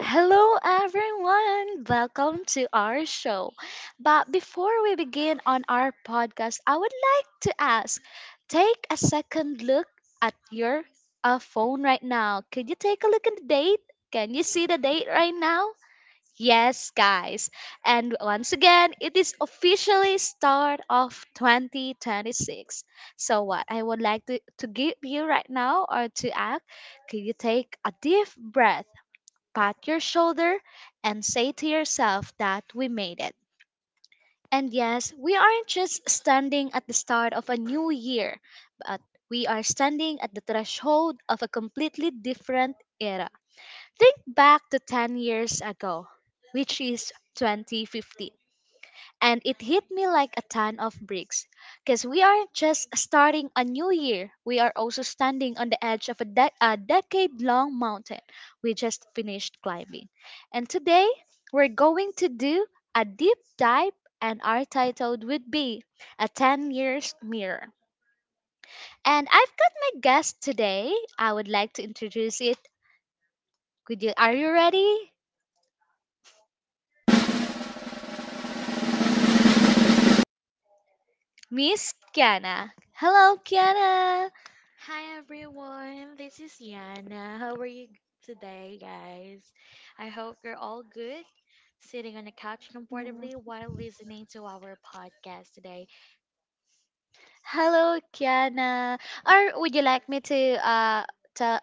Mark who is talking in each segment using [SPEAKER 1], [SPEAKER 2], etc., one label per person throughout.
[SPEAKER 1] Hello, everyone. Welcome to our show. But before we begin on our podcast, I would like to ask take a second look at your phone right now. Could you take a look at the date? Can you see the date right now? Yes, guys. And once again, it is officially start of 2026. So what I would like to give you right now or to ask, could you take a deep breath? Pat your shoulder, and say to yourself that we made it. And yes, we aren't just standing at the start of a new year, but we are standing at the threshold of a completely different era. Think back to 10 years ago, which is 2015. And it hit me like a ton of bricks. Because we aren't just starting a new year, we are also standing on the edge of a decade long mountain we just finished climbing. And today, we're going to do a deep dive, and our title would be A 10 Years Mirror. And I've got my guest today. I would like to introduce it. Are you ready? Miss Kiana. Hello, Kiana.
[SPEAKER 2] Hi everyone, this is Yana. How are you today, guys? I hope you're all good, sitting on the couch comfortably while listening to our podcast today.
[SPEAKER 1] Hello, Kiana. Or would you like me to uh to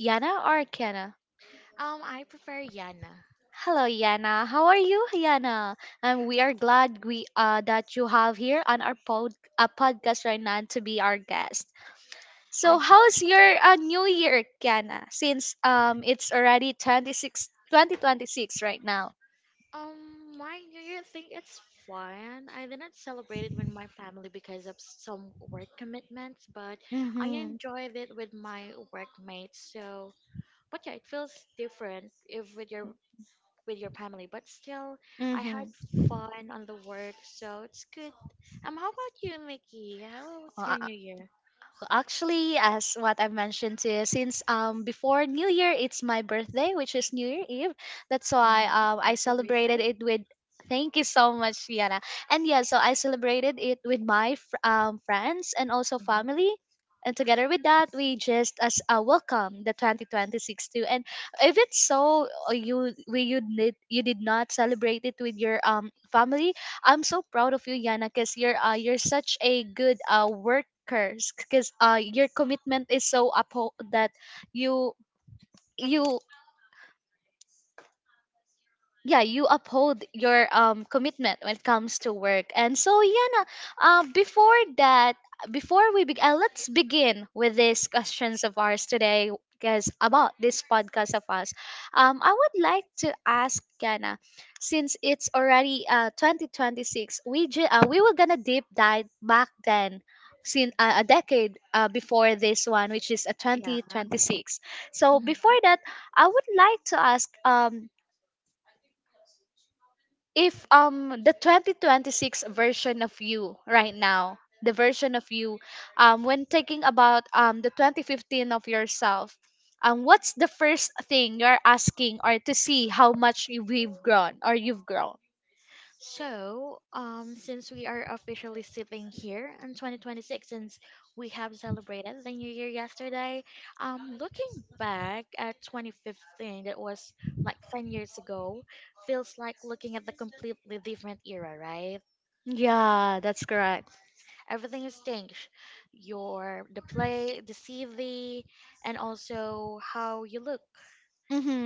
[SPEAKER 1] Yana or Kiana?
[SPEAKER 2] I prefer Yana.
[SPEAKER 1] Hello, Yana. How are you, Yana? And we are glad we that you have here on our podcast right now to be our guest. So,
[SPEAKER 2] I
[SPEAKER 1] how's your new year, Kiana? Since it's already 2026 right now.
[SPEAKER 2] My New Year thing it's fun. I did not celebrate it with my family because of some work commitments, but I
[SPEAKER 1] Mm-hmm.
[SPEAKER 2] enjoyed it with my workmates. So, but yeah, it feels different if with your with your family, but still, I had
[SPEAKER 1] Mhm.
[SPEAKER 2] fun on the work, so it's good. How about you, Mickey? How was
[SPEAKER 1] Well,
[SPEAKER 2] your New Year?
[SPEAKER 1] actually, as what I mentioned to you, since before New Year, it's my birthday, which is New Year Eve. That's why
[SPEAKER 2] Mm-hmm.
[SPEAKER 1] I
[SPEAKER 2] Happy
[SPEAKER 1] celebrated
[SPEAKER 2] birthday.
[SPEAKER 1] it with. Thank you so much, Yana. And yeah, so I celebrated it with my friends and also
[SPEAKER 2] Mm-hmm.
[SPEAKER 1] family. And together with that, we just as welcome the 2026 too. If it's so, you we you did not celebrate it with your family. I'm so proud of you, Yana, because you're such a good worker. Because your commitment is so uphold that you you yeah you uphold your commitment when it comes to work. And so yeah, before that, before we begin, let's begin with these questions of ours today because about this podcast of us. I would like to ask Yana, since it's already 2026, we were gonna deep dive back then, since a decade before this one, which is a
[SPEAKER 2] Yeah.
[SPEAKER 1] 2026. So
[SPEAKER 2] Mm-hmm.
[SPEAKER 1] before that, I would like to ask, if the 2026 version of you right now, the version of you when thinking about the 2015 of yourself. What's the first thing you're asking or to see how much we've grown or you've grown?
[SPEAKER 2] Since we are officially sitting here in 2026, since we have celebrated the new year yesterday, looking back at 2015, that was like 10 years ago, feels like looking at the completely different era, right?
[SPEAKER 1] Yeah, that's correct.
[SPEAKER 2] Everything has changed. The play, the CV, and also how you look.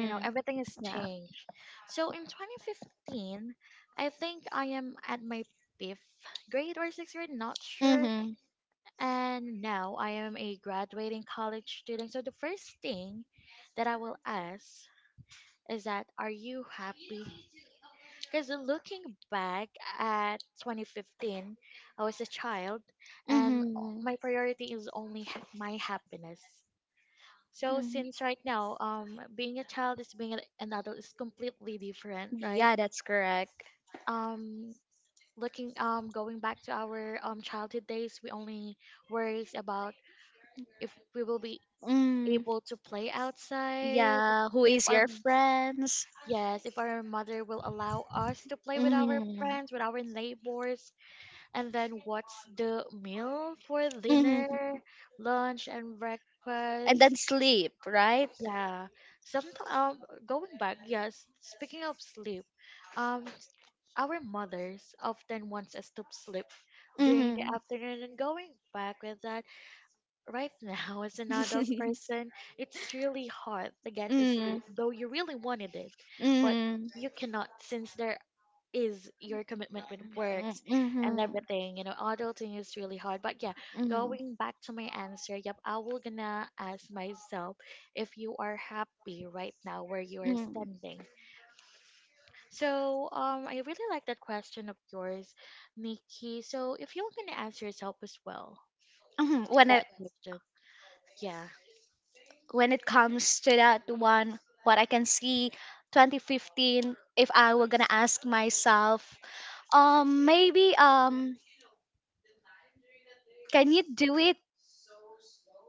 [SPEAKER 2] You know, everything has
[SPEAKER 1] Yeah.
[SPEAKER 2] changed. So in 2015 I think I am at my fifth grade or sixth grade, not sure.
[SPEAKER 1] Mm-hmm.
[SPEAKER 2] And now I am a graduating college student, so the first thing that I will ask is that are you happy? Because looking back at 2015, I was a child, and
[SPEAKER 1] Mm-hmm.
[SPEAKER 2] my priority is only my happiness. So since right now, being a child is being an adult is completely different, right?
[SPEAKER 1] Yeah, that's correct.
[SPEAKER 2] Um, going back to our childhood days, we only worries about if we will be
[SPEAKER 1] Mm.
[SPEAKER 2] able to play outside,
[SPEAKER 1] Yeah, who
[SPEAKER 2] if
[SPEAKER 1] is
[SPEAKER 2] our
[SPEAKER 1] your
[SPEAKER 2] m-
[SPEAKER 1] friends?
[SPEAKER 2] yes, if our mother will allow us to play with our
[SPEAKER 1] Mm-hmm.
[SPEAKER 2] friends, with our neighbors, and then what's the meal for dinner,
[SPEAKER 1] Mm-hmm.
[SPEAKER 2] lunch, and
[SPEAKER 1] And then
[SPEAKER 2] breakfast.
[SPEAKER 1] sleep, right?
[SPEAKER 2] Yeah. Sometimes going back, yes. Speaking of sleep, um, s- our mothers often wants us to sleep during
[SPEAKER 1] Mm-hmm.
[SPEAKER 2] the afternoon. And going back with that, right now as an adult
[SPEAKER 1] mm,
[SPEAKER 2] person, it's really hard to get to
[SPEAKER 1] mm,
[SPEAKER 2] sleep, though you really wanted it, but
[SPEAKER 1] mm,
[SPEAKER 2] you cannot since there is your commitment with works
[SPEAKER 1] mm,
[SPEAKER 2] and everything. You know, adulting is really hard. But yeah,
[SPEAKER 1] mm.
[SPEAKER 2] going back to my answer, yep, I will gonna ask myself if you are happy right now where you are standing. So I really like that question of yours, Nikki. So if you're gonna ask yourself as well
[SPEAKER 1] Mhm. When
[SPEAKER 2] that
[SPEAKER 1] I,
[SPEAKER 2] question. Yeah.
[SPEAKER 1] when it comes to that one, what I can see, 2015, if I were gonna ask myself, maybe can you do it?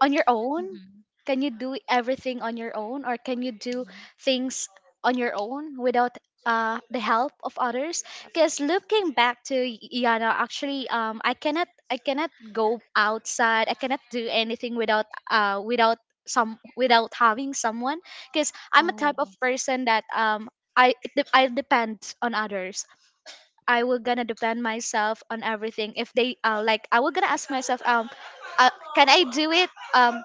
[SPEAKER 1] On your own?
[SPEAKER 2] Mm-hmm.
[SPEAKER 1] Can you do everything on your own, or can you do things on your own without the help of others? Because looking back to Yana, actually, I cannot go outside. I cannot do anything without, without having someone. Because I'm a type
[SPEAKER 2] Mm-hmm.
[SPEAKER 1] of person that I depend on others. I will gonna depend myself on everything. If they like, I will gonna ask myself, uh, can I do it? Um,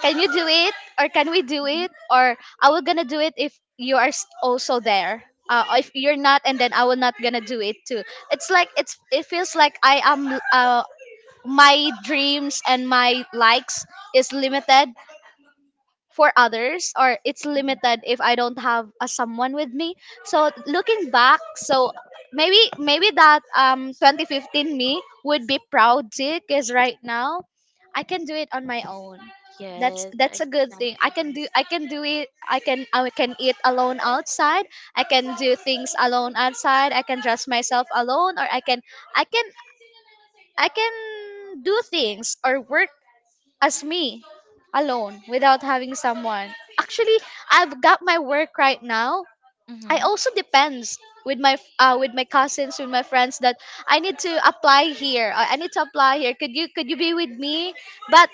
[SPEAKER 1] can you do it? Or can we do it? Or I will gonna do it if you are also there. If you're not, and then I will not gonna do it too. It feels like I am uh my dreams and my likes is limited for others, or it's
[SPEAKER 2] Oh.
[SPEAKER 1] limited if I don't have a someone with me. So looking back, so maybe that 2015 me would be proud too, because right now I can do it on my own. That's
[SPEAKER 2] Yes,
[SPEAKER 1] that's a good
[SPEAKER 2] exactly.
[SPEAKER 1] thing. I can do, I can do it. I can eat alone outside. I can do things alone outside. I can dress myself alone, or I can I can do things or work as me alone without having someone. Actually, I've got my work right now. I
[SPEAKER 2] Mm-hmm.
[SPEAKER 1] also depends with my cousins, with my friends that I need to apply here. Could you be with me? But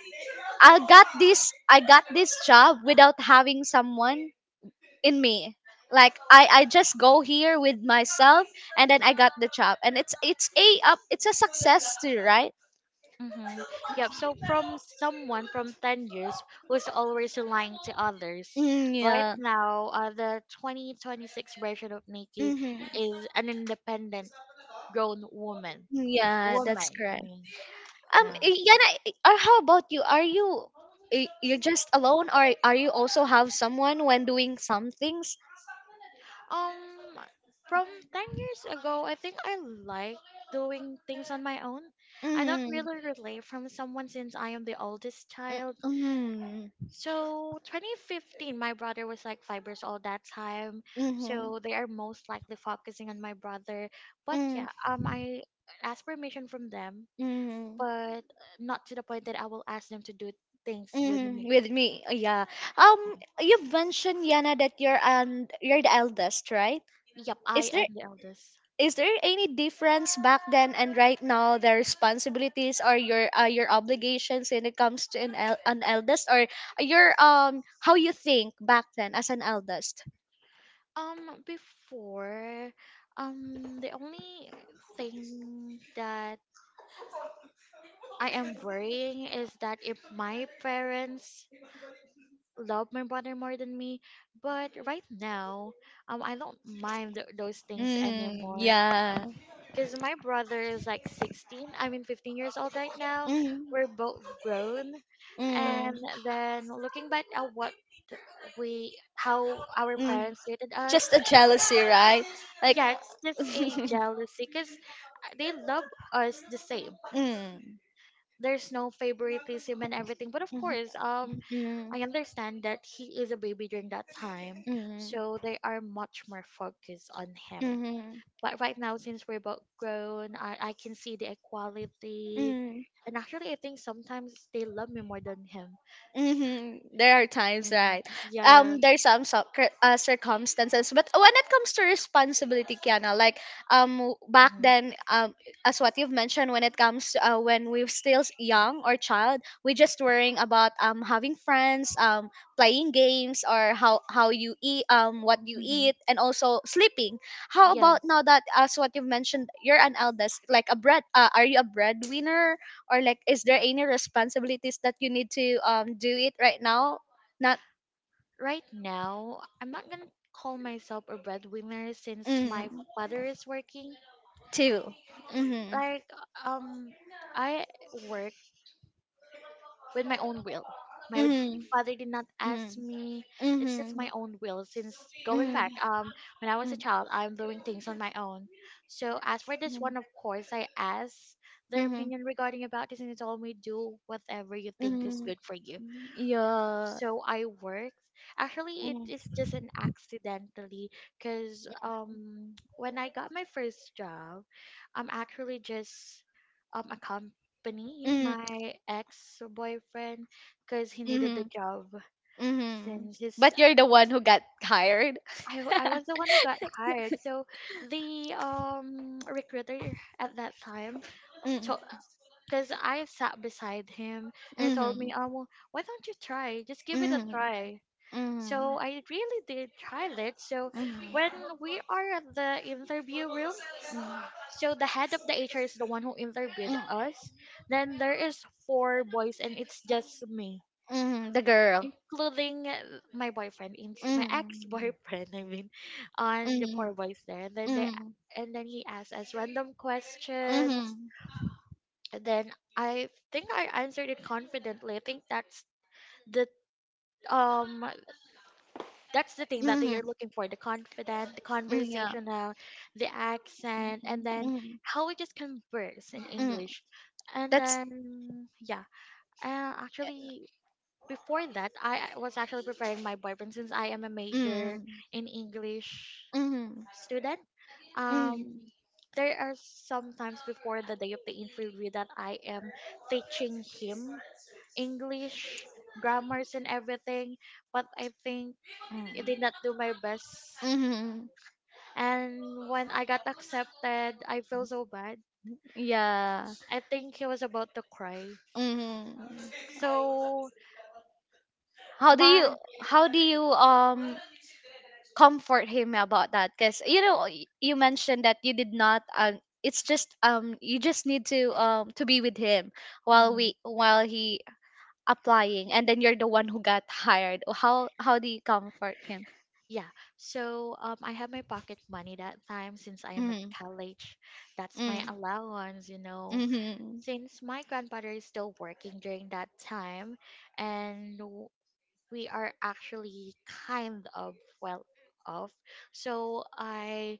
[SPEAKER 1] I got this job without having someone in me. Like I just go here with myself, and then I got the job, and it's a success too, right?
[SPEAKER 2] Mm-hmm. Yep. So from someone from 10 years who's always relying to others,
[SPEAKER 1] Mm,
[SPEAKER 2] right
[SPEAKER 1] yeah.
[SPEAKER 2] now, the 2026 version of Nikki
[SPEAKER 1] Mm-hmm.
[SPEAKER 2] is an independent grown woman.
[SPEAKER 1] Yeah, that's
[SPEAKER 2] Woman, I
[SPEAKER 1] correct.
[SPEAKER 2] mean, yeah.
[SPEAKER 1] Yana, or how about you? You're just alone, or are you also have someone when doing some things?
[SPEAKER 2] Um, from 10 years ago, I think I like doing things on my own. I don't
[SPEAKER 1] Mm-hmm.
[SPEAKER 2] really relate from someone since I am the oldest child.
[SPEAKER 1] Mm-hmm.
[SPEAKER 2] So 2015, my brother was like 5 years old that time.
[SPEAKER 1] Mm-hmm.
[SPEAKER 2] So they are most likely focusing on my brother. But
[SPEAKER 1] Mm.
[SPEAKER 2] yeah, I ask permission from them,
[SPEAKER 1] Mm.
[SPEAKER 2] but not to the point that I will ask them to do things with
[SPEAKER 1] Mm,
[SPEAKER 2] me.
[SPEAKER 1] with me, yeah. Um, you've mentioned Yana that you're the eldest, right?
[SPEAKER 2] Yep, I
[SPEAKER 1] Is there
[SPEAKER 2] am the eldest.
[SPEAKER 1] is there any difference back then and right now, the responsibilities or your obligations when it comes to an eldest, or your how you think back then as an eldest?
[SPEAKER 2] Um, before, the only thing that I am worrying is that if my parents love my brother more than me, but right now, I don't mind those things
[SPEAKER 1] Mm,
[SPEAKER 2] anymore.
[SPEAKER 1] yeah.
[SPEAKER 2] Cause my brother is like 16, I mean 15 years old right now.
[SPEAKER 1] Mm.
[SPEAKER 2] We're both grown, and
[SPEAKER 1] Mm.
[SPEAKER 2] then looking back at what we, how our
[SPEAKER 1] Mm.
[SPEAKER 2] parents treated us,
[SPEAKER 1] Just a jealousy, right? Like,
[SPEAKER 2] yeah, it's just a jealousy. Cause they love us the same.
[SPEAKER 1] mm.
[SPEAKER 2] There's no favoritism and everything, but of
[SPEAKER 1] Mhm.
[SPEAKER 2] course,
[SPEAKER 1] Mm.
[SPEAKER 2] I understand that he is a baby during that time,
[SPEAKER 1] Mm.
[SPEAKER 2] so they are much more focused on him.
[SPEAKER 1] Mhm.
[SPEAKER 2] But right now, since we're both grown, I can see the equality.
[SPEAKER 1] Mm.
[SPEAKER 2] And actually, I think sometimes they love me more than him.
[SPEAKER 1] Mm-hmm. There are times,
[SPEAKER 2] Yeah.
[SPEAKER 1] right?
[SPEAKER 2] Yeah.
[SPEAKER 1] There's circumstances, but when it comes to responsibility, Kiana, like um, back
[SPEAKER 2] Mhm.
[SPEAKER 1] then, as what you've mentioned, when it comes to, when we're still young or child, we are just worrying about having friends, playing games, or how you eat, what you
[SPEAKER 2] Mhm.
[SPEAKER 1] eat, and also sleeping. How about
[SPEAKER 2] Yes,
[SPEAKER 1] now, that as what you've mentioned, you're an eldest, like a bread. Are you a breadwinner, or like is there any responsibilities that you need to do it right now? Not
[SPEAKER 2] right now, I'm not gonna call myself a breadwinner since my
[SPEAKER 1] mm,
[SPEAKER 2] father is working.
[SPEAKER 1] too. Mm-hmm.
[SPEAKER 2] Like, um, I work with my own will. My
[SPEAKER 1] Mhm.
[SPEAKER 2] father did not
[SPEAKER 1] Mhm.
[SPEAKER 2] ask me. It's just my
[SPEAKER 1] Mhm.
[SPEAKER 2] own will. Since going
[SPEAKER 1] Mhm.
[SPEAKER 2] back, when I was a child, I'm doing things on my own. So as for this one, of course, I asked their
[SPEAKER 1] Mhm. Mhm.
[SPEAKER 2] opinion regarding about this, and they told me do whatever you think is
[SPEAKER 1] Mhm.
[SPEAKER 2] good for you,
[SPEAKER 1] Yeah.
[SPEAKER 2] so I worked. Actually, it
[SPEAKER 1] Mhm.
[SPEAKER 2] is just an accidentally because when I got my first job, I'm actually just accompanying my ex boyfriend because he
[SPEAKER 1] Mhm.
[SPEAKER 2] needed the
[SPEAKER 1] Mhm.
[SPEAKER 2] job
[SPEAKER 1] Mhm.
[SPEAKER 2] since his
[SPEAKER 1] But you're the one who got hired.
[SPEAKER 2] I was the one who got hired. So the recruiter at that time
[SPEAKER 1] Mm.
[SPEAKER 2] told, because I sat beside him and he
[SPEAKER 1] Mhm.
[SPEAKER 2] told me,
[SPEAKER 1] Mhm.
[SPEAKER 2] why don't you try? Just give it a
[SPEAKER 1] Mhm. Mhm.
[SPEAKER 2] try. So I really did try it. So when we are at the interview room, so the head of the HR is the one who interviewed
[SPEAKER 1] Mm.
[SPEAKER 2] us. Then there is four boys and it's just me,
[SPEAKER 1] Mhm. The girl.
[SPEAKER 2] including my boyfriend, my
[SPEAKER 1] Mhm.
[SPEAKER 2] ex-boyfriend. I mean, on the
[SPEAKER 1] Mhm.
[SPEAKER 2] four boys there.
[SPEAKER 1] Mhm.
[SPEAKER 2] And then he asked us random
[SPEAKER 1] Mhm.
[SPEAKER 2] questions. And then I think I answered it confidently. I think that's the um thing that they
[SPEAKER 1] Hmm.
[SPEAKER 2] are looking for: the confident, the
[SPEAKER 1] Mm, yeah.
[SPEAKER 2] conversational, the accent, and then
[SPEAKER 1] Mm,
[SPEAKER 2] how we just converse in
[SPEAKER 1] mm.
[SPEAKER 2] English. And
[SPEAKER 1] That's
[SPEAKER 2] then yeah, actually before that I was actually preparing my boyfriend since I am a
[SPEAKER 1] mm,
[SPEAKER 2] major
[SPEAKER 1] mm,
[SPEAKER 2] in English
[SPEAKER 1] mm,
[SPEAKER 2] student. um
[SPEAKER 1] mm.
[SPEAKER 2] there are sometimes before the day of the interview that I am teaching him English grammars and everything, but I think I did not do my best.
[SPEAKER 1] Mm-hmm.
[SPEAKER 2] And when I got accepted, I feel so bad.
[SPEAKER 1] Yeah.
[SPEAKER 2] I think he was about to cry.
[SPEAKER 1] Mm-hmm.
[SPEAKER 2] So
[SPEAKER 1] How do
[SPEAKER 2] my
[SPEAKER 1] you how do you comfort him about that? Because you know you mentioned that you did not. It's just you just need to be with him while
[SPEAKER 2] Mhm,
[SPEAKER 1] we while he applying, and then you're the one who got hired. How do you comfort him?
[SPEAKER 2] yeah. So I have my pocket money that time since I am at
[SPEAKER 1] Mm,
[SPEAKER 2] college. That's
[SPEAKER 1] mm,
[SPEAKER 2] my allowance,
[SPEAKER 1] mm-hmm, mm,
[SPEAKER 2] Since my grandfather is still working during that time and we are actually kind of well off. So I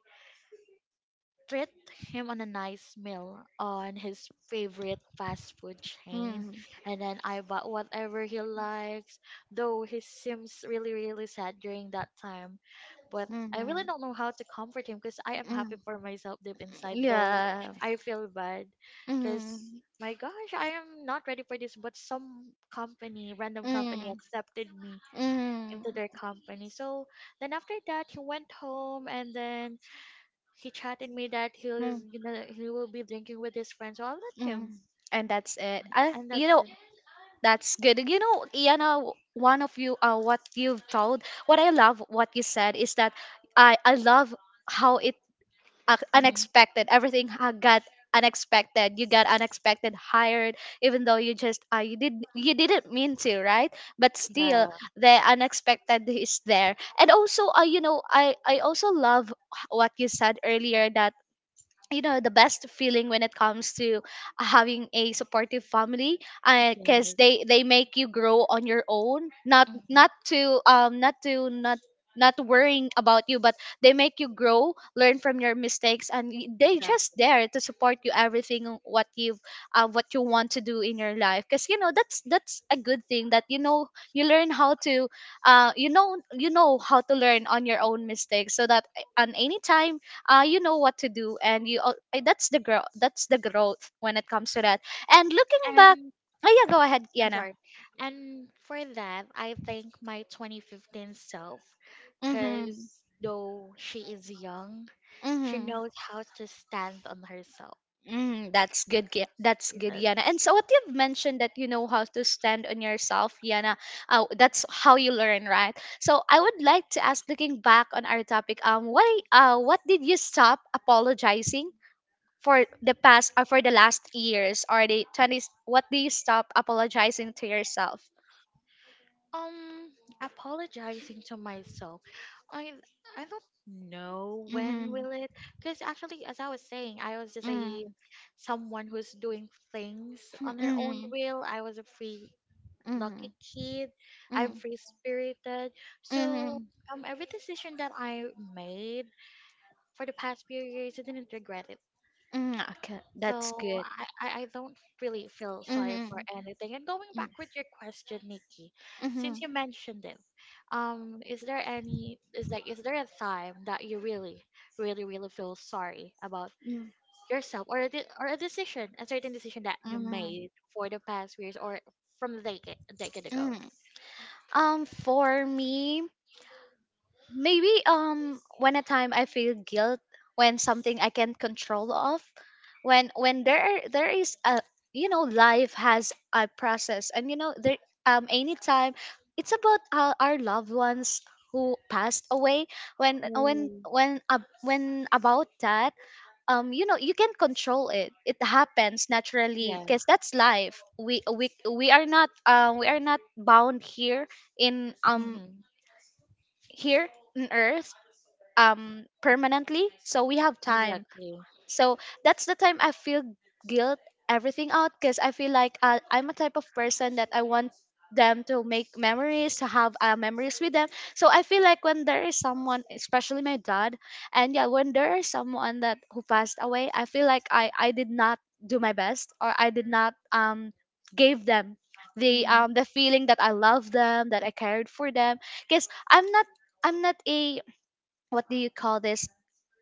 [SPEAKER 2] treat him on a nice meal on his favorite fast food chain,
[SPEAKER 1] mm,
[SPEAKER 2] and then I bought whatever he likes, though he seems really really sad during that time, but I really
[SPEAKER 1] mm,
[SPEAKER 2] don't know how to comfort him because I am happy for myself deep inside though
[SPEAKER 1] yeah,
[SPEAKER 2] I feel bad because
[SPEAKER 1] mm,
[SPEAKER 2] my gosh I am not ready for this, but some company, random company
[SPEAKER 1] mm,
[SPEAKER 2] accepted me
[SPEAKER 1] mm.
[SPEAKER 2] into their company. So then after that he went home and then he chatted me that he is,
[SPEAKER 1] Mm.
[SPEAKER 2] you know, he will be drinking with his friends. So I'll let him,
[SPEAKER 1] Mm. And that's it. I,
[SPEAKER 2] and
[SPEAKER 1] you
[SPEAKER 2] that's
[SPEAKER 1] know,
[SPEAKER 2] it.
[SPEAKER 1] that's good. You know, Iana, one of you, what you've told, what I love, what you said is that I love how it
[SPEAKER 2] Mhm.
[SPEAKER 1] unexpected. Everything got unexpected. You got unexpected hired, even though you just, you didn't mean to, right? But still, the unexpected is there. And also, you know, I also love what you said earlier, that you know the best feeling when it comes to having a supportive family, because
[SPEAKER 2] Yes.
[SPEAKER 1] they make you grow on your own, not
[SPEAKER 2] Mhm.
[SPEAKER 1] not to um not to not not worrying about you, but they make you grow, learn from your mistakes, and they just there to support you everything what you've what you want to do in your life. Because you know that's a good thing, that you know you learn how to you know how to learn on your own mistakes, so that on any time, you know what to do, and that's the growth, when it comes to that, and looking back.
[SPEAKER 2] And
[SPEAKER 1] Oh yeah, go ahead,
[SPEAKER 2] I'm
[SPEAKER 1] Yana.
[SPEAKER 2] sorry. And for that, I thank my 2015 self because
[SPEAKER 1] Mm-hmm.
[SPEAKER 2] though she is young, she
[SPEAKER 1] Mm-hmm.
[SPEAKER 2] knows how to stand on herself.
[SPEAKER 1] Mm, that's good. That's
[SPEAKER 2] You
[SPEAKER 1] good, Yana. And so, what you've mentioned, that you know how to stand on yourself, Yana. That's how you learn, right? So, I would like to ask, looking back on our topic, what did you stop apologizing for the past, or for the last years, or the 20s? What do you stop apologizing to yourself?
[SPEAKER 2] Um, apologizing to myself. I I don't know
[SPEAKER 1] Mm-hmm.
[SPEAKER 2] when will it because actually as I was saying, I was just a
[SPEAKER 1] Mm-hmm.
[SPEAKER 2] someone who's doing things on her own
[SPEAKER 1] Mm-hmm.
[SPEAKER 2] will. I was a free
[SPEAKER 1] Mm-hmm.
[SPEAKER 2] lucky kid. I'm
[SPEAKER 1] Mm-hmm.
[SPEAKER 2] free spirited. So
[SPEAKER 1] Mm-hmm.
[SPEAKER 2] every decision that I made for the past few years I didn't regret it.
[SPEAKER 1] Mm, okay, that's
[SPEAKER 2] So
[SPEAKER 1] good.
[SPEAKER 2] I don't really feel sorry
[SPEAKER 1] Mm-hmm.
[SPEAKER 2] for anything. And going back with your question, Nikki,
[SPEAKER 1] Mm-hmm.
[SPEAKER 2] since you mentioned it, is there any is there a time that you really, really, really feel sorry about
[SPEAKER 1] Mm.
[SPEAKER 2] yourself or or a decision, a certain decision that you
[SPEAKER 1] Mm.
[SPEAKER 2] made for the past years or from a decade ago?
[SPEAKER 1] Mm. For me, maybe when a time I feel guilt when something I can't control of, when there is a life has a process, and you know there anytime it's about our loved ones who passed away when when
[SPEAKER 2] Ooh.
[SPEAKER 1] when uh, when about that. You know, you can control it, it happens naturally,
[SPEAKER 2] Yeah.
[SPEAKER 1] because that's life. We are not we are not bound here in
[SPEAKER 2] Mm-hmm.
[SPEAKER 1] here on earth permanently, so we have time.
[SPEAKER 2] Exactly.
[SPEAKER 1] So that's the time I feel guilt everything out, because I feel like I'm a type of person that I want them to make memories, to have memories with them. So I feel like when there is someone, especially my dad, and yeah, when there is someone that who passed away, I feel like I did not do my best, or I did not gave them
[SPEAKER 2] Mm-hmm.
[SPEAKER 1] the feeling that I love them, that I cared for them. Because I'm not I'm not a, what do you call this,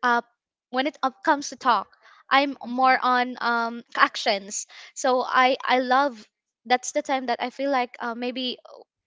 [SPEAKER 1] uh, when it up comes to talk, I'm more on actions. So I love, that's the time that I feel like, maybe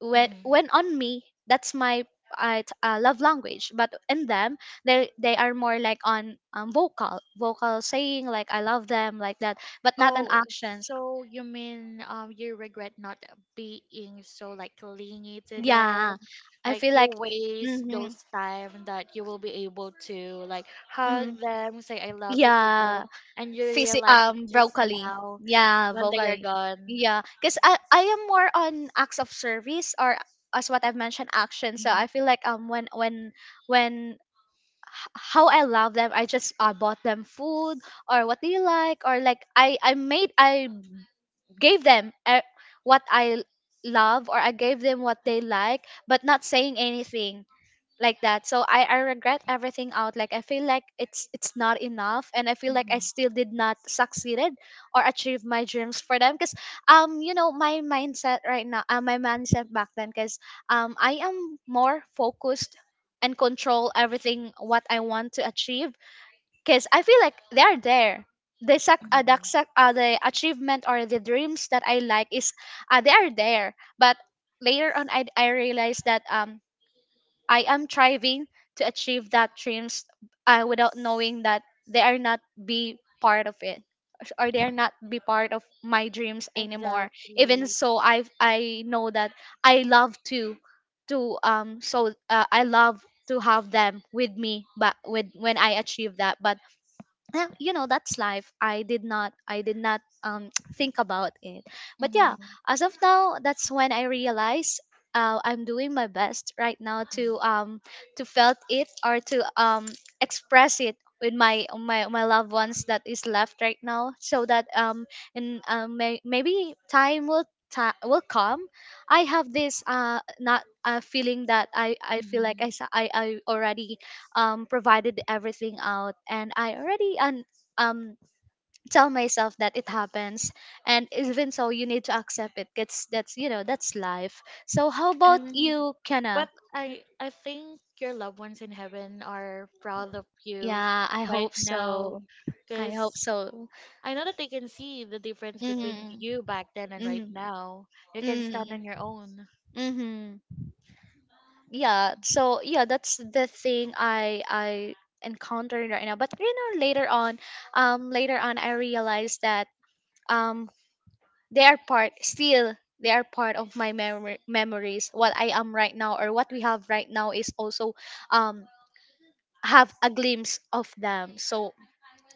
[SPEAKER 1] when
[SPEAKER 2] Mm-hmm.
[SPEAKER 1] when on me, that's my love language, but in them, they are more like on vocal saying like I love them, like that, but not on
[SPEAKER 2] Oh,
[SPEAKER 1] actions.
[SPEAKER 2] so you mean you regret not being so like clingy to them?
[SPEAKER 1] Yeah, I
[SPEAKER 2] Like
[SPEAKER 1] feel
[SPEAKER 2] you
[SPEAKER 1] like,
[SPEAKER 2] waste
[SPEAKER 1] hmm,
[SPEAKER 2] those time that you will be able to like hug
[SPEAKER 1] hmm,
[SPEAKER 2] them, say I love you to them,
[SPEAKER 1] yeah.
[SPEAKER 2] and you realize it just
[SPEAKER 1] Vocally.
[SPEAKER 2] now
[SPEAKER 1] Yeah,
[SPEAKER 2] when they are
[SPEAKER 1] vocally.
[SPEAKER 2] gone.
[SPEAKER 1] Yeah, because I am more on acts of service, or as what I've mentioned, action. So I
[SPEAKER 2] Mhm,
[SPEAKER 1] feel like when how I love them, I just bought them food or what do you like, or like I gave them what I love, or I gave them what they like, but not saying anything like that. So I regret everything out, like I feel like it's not enough, and I feel like
[SPEAKER 2] mhm,
[SPEAKER 1] I
[SPEAKER 2] mhm.
[SPEAKER 1] still did not succeeded or achieve my dreams for them. Because my mindset right now, my mindset back then, because I am more focused and control everything what I want to achieve. Because I feel like they are there, the achievement or the dreams that I like is, they are there, but later on I realized that I am striving to achieve that dreams without knowing that they are not be part of it, or they are not be part of my dreams anymore.
[SPEAKER 2] Exactly.
[SPEAKER 1] Even so, I know that I love to I love to have them with me, but with when I achieve that. But yeah, you know, that's life. I did not think about it. But yeah,
[SPEAKER 2] Mhm,
[SPEAKER 1] as of now, that's when I realized I'm doing my best right now
[SPEAKER 2] mhm.
[SPEAKER 1] to felt it, or to express it with my loved ones that is left right now. So that maybe time will will come, I have this not feeling that I feel like
[SPEAKER 2] Mhm.
[SPEAKER 1] I already provided everything out, and I already um, tell myself that it happens, and even so, you need to accept it. That's you know, that's life. So how about
[SPEAKER 2] And
[SPEAKER 1] you,
[SPEAKER 2] but
[SPEAKER 1] Kenna?
[SPEAKER 2] I think your loved ones in heaven are proud of you
[SPEAKER 1] Yeah, I
[SPEAKER 2] right
[SPEAKER 1] hope
[SPEAKER 2] now
[SPEAKER 1] so. I
[SPEAKER 2] because
[SPEAKER 1] hope so.
[SPEAKER 2] I know that they can see the difference between
[SPEAKER 1] Mm-hmm.
[SPEAKER 2] you back then and right
[SPEAKER 1] Mm-hmm.
[SPEAKER 2] now. You can stand
[SPEAKER 1] Mm-hmm.
[SPEAKER 2] on your own.
[SPEAKER 1] Yeah, so yeah, that's the thing I encountered right now. But you know, later on, later on I realized that um they are part still, they are part of my memory memories. What I am right now, or what we have right now, is also um have a glimpse of them. So